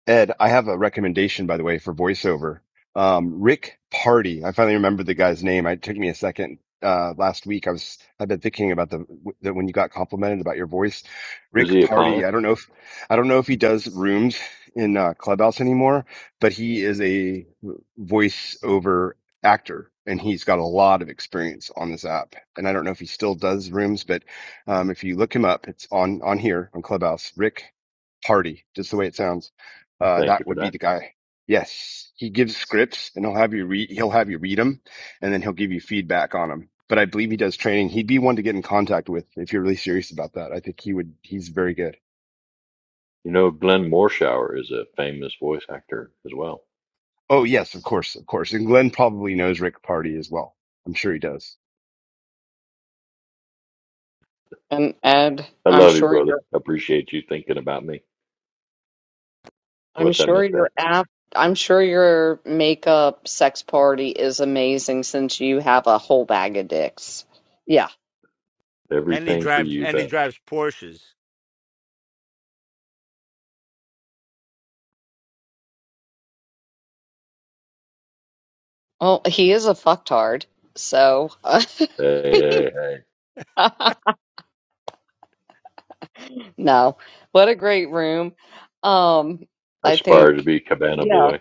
S9: Ed, I have a recommendation, by the way, for voiceover. Um, Rick Party. I finally remembered the guy's name. It took me a second. Uh, last week I was, I've been thinking about the, the, when you got complimented about your voice,
S2: Is
S9: Rick
S2: he a
S9: Party.
S2: client?
S9: I don't know if, I don't know if he does rooms in uh, Clubhouse anymore, but he is a voiceover actor and he's got a lot of experience on this app. And I don't know if he still does rooms, but, um, if you look him up, it's on, on here on Clubhouse, Rick Party, just the way it sounds. Uh,
S2: Thank you
S9: that
S2: for
S9: would be
S2: that.
S9: the guy. Yes, he gives scripts and he'll have you read. He'll have you read them, and then he'll give you feedback on them. But I believe he does training. He'd be one to get in contact with if you're really serious about that. I think he would. He's very good.
S2: You know, Glenn Morshower is a famous voice actor as well.
S9: Oh yes, of course, of course. And Glenn probably knows Rick Party as well. I'm sure he does.
S1: and, and
S2: I
S1: I'm
S2: love you,
S1: sure
S2: brother.
S1: you're
S2: I Appreciate you thinking about me.
S1: I'm
S2: What's I
S1: sure
S2: missed that?
S1: your app, I'm sure your makeup sex party is amazing since you have a whole bag of dicks. Yeah.
S3: And he
S2: Everything for
S3: drives
S2: you,
S3: and he
S2: Beth.
S3: drives Porsches.
S1: Well, he is a fucktard. So,
S2: Hey, hey, hey. hey.
S1: no. What a great room. Um, I
S2: Aspire to
S1: think,
S2: be Cabana
S1: yeah,
S2: Boy.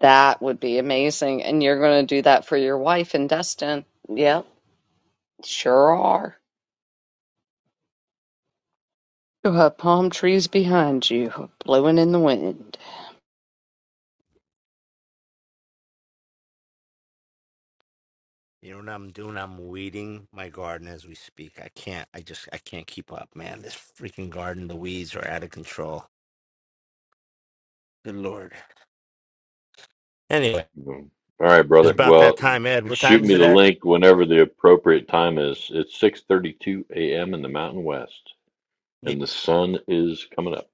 S1: that would be amazing. And you're going to do that for your wife and Destin. Yep, sure are. You have palm trees behind you, blowing in the wind.
S3: You know what I'm doing? I'm weeding my garden as we speak. I can't I just I can't keep up, man. This freaking garden, the weeds are out of control. Good lord. Anyway,
S2: Mm. All right,
S3: it's
S2: brother.
S3: about that
S2: Well,
S3: time, Ed. What
S2: shoot
S3: time is
S2: me
S3: it,
S2: the
S3: Ed?
S2: link whenever the appropriate time is. It's 6:32 a.m. in the Mountain West,
S3: Yeah,
S2: and the sun is coming up.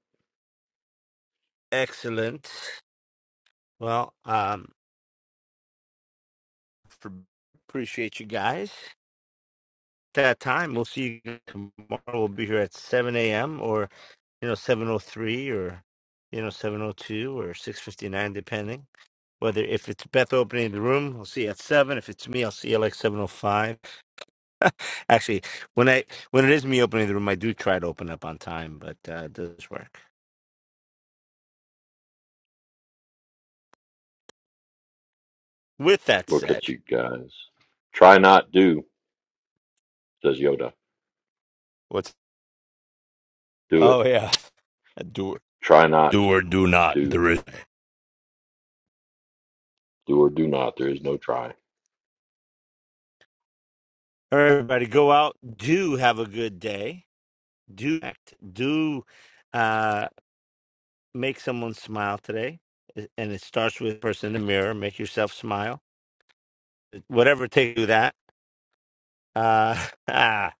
S3: excellent. Well, um For appreciate you guys. that time. We'll see you tomorrow. We'll be here at 7 a.m. or you know 703 or you know 702 or 659 depending whether if it's beth opening the room we will see you at 7 if it's me i'll see you like 705 actually when i when it is me opening the room i do try to open up on time but uh it does work with that
S2: Look at
S3: said
S2: you guys. Try not do, says Yoda.
S3: what's
S2: Do
S3: oh
S2: it.
S3: yeah do
S2: Try not
S3: do or do not
S2: do.
S3: there is
S2: Do or do not. There is no try.
S3: everybody go out do have a good day do act do uh make someone smile today. eh, And it starts with the person in the mirror. Make yourself smile. eh, Whatever it takes to do that. Uh, ah,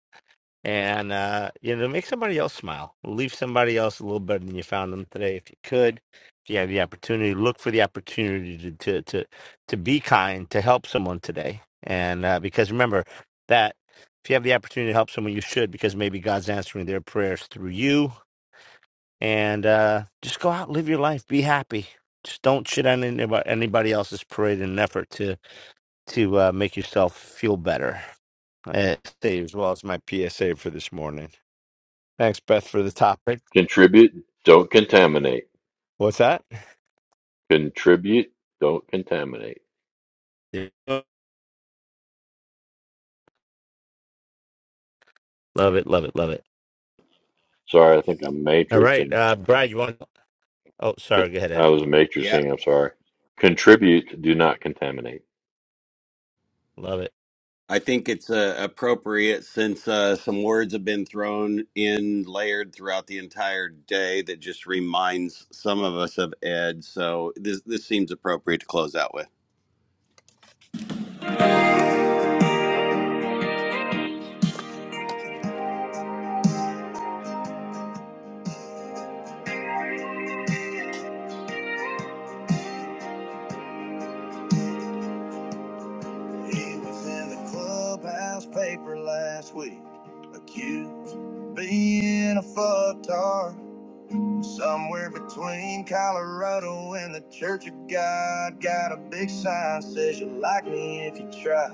S3: and, uh, you know, make somebody else smile. Leave somebody else a little better than you found them today if you could. If you have the opportunity, look for the opportunity to, to, to, to be kind, to help someone today. And uh, because remember that if you have the opportunity to help someone, you should, because maybe God's answering their prayers through you and uh, just go out, live your life, be happy. Just don't shit on anybody, anybody else's parade in an effort to to uh, make yourself feel better. Uh, Stay as well as my PSA for this morning. Thanks, Beth, for the topic.
S2: Contribute. Don't contaminate.
S3: What's that?
S2: Contribute. Don't contaminate.
S3: Love it, love it, love it.
S2: Sorry, I think I'm
S3: All
S2: matrixing
S3: right, uh, Brad, you want? Oh, sorry. Go ahead,
S2: I
S3: Ed.
S2: was a matrix
S8: Yeah.
S2: I'm sorry. Contribute, do not contaminate.
S3: Love it.
S8: I think it's uh, appropriate since uh, some words have been thrown in layered throughout the entire day that just reminds some of us of Ed. So this this seems appropriate to close out with. He was in the clubhouse paper last week, accused of being a fucktard. Somewhere between Colorado and the Church of God, got a big sign says you like me if you try.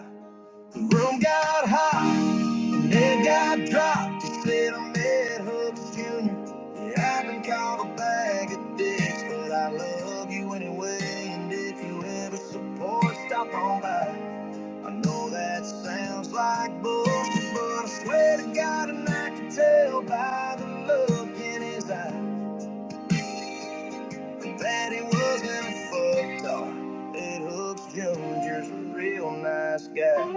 S8: The room got hot, it got dropped. She said I met Hubs Jr. Yeah, I've been called a bag of dicks, but I love you anyway. And if you ever support, stop on by. I know that sounds like bullshit, but I swear to God, and I can tell by the look in his eye that he wasn't a fucked up. That Hubs Jr.'s a real nice guy.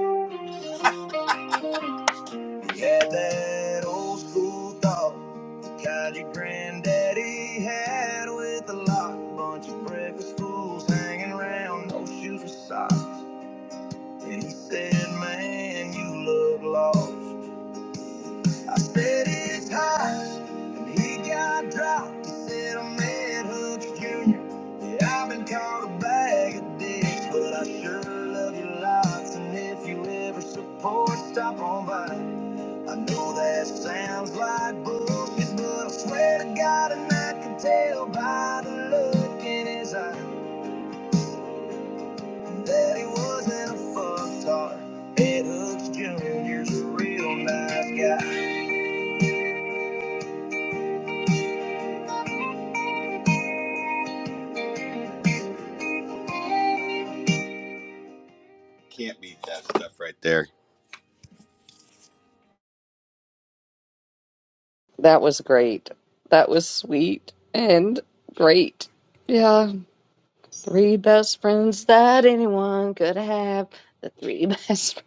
S8: Yeah, that old school thought, the kind your granddaddy had with a lock, bunch of breakfast fools hanging around, no shoes or socks. And he said, Man, you look lost. I said, It's hot, and he got dropped. He said, I met Hooks Jr. Yeah, I've been called a bag of dicks, but I sure love you lots. And if you ever support, stop on by. I know that sounds like bullshit, but I swear to God, and I can tell by the look in his eye that he wasn't a fucktard. Ed Hooks Jr.'s a real nice guy. Can't beat that stuff right there.
S1: That was great. That was sweet and great. Yeah, three best friends that anyone could have. The three best.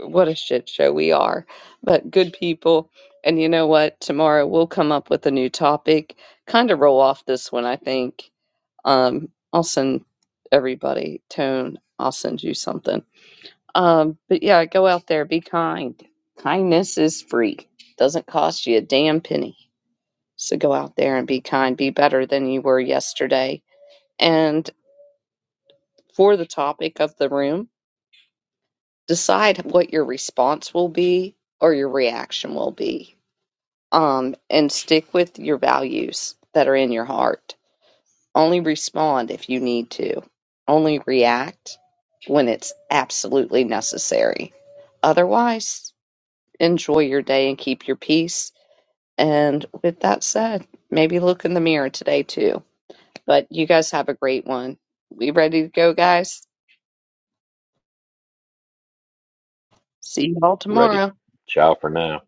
S1: What a shit show we are, but good people. And you know what? Tomorrow we'll come up with a new topic. Kind of roll off this one, I think. Um, I'll send everybody tone. I'll send you something. Um, but yeah, go out there, be kind. Kindness is free. Doesn't cost you a damn penny. So go out there and be kind, be better than you were yesterday. And for the topic of the room, decide what your response will be or your reaction will be. Um, and stick with your values that are in your heart. Only respond if you need to. Only react when it's absolutely necessary. Otherwise, enjoy your day and keep your peace. And with that said, maybe look in the mirror today too But you guys have a great one. We ready to go, guys? See you all
S2: Ready.
S1: tomorrow.
S2: Ciao for now.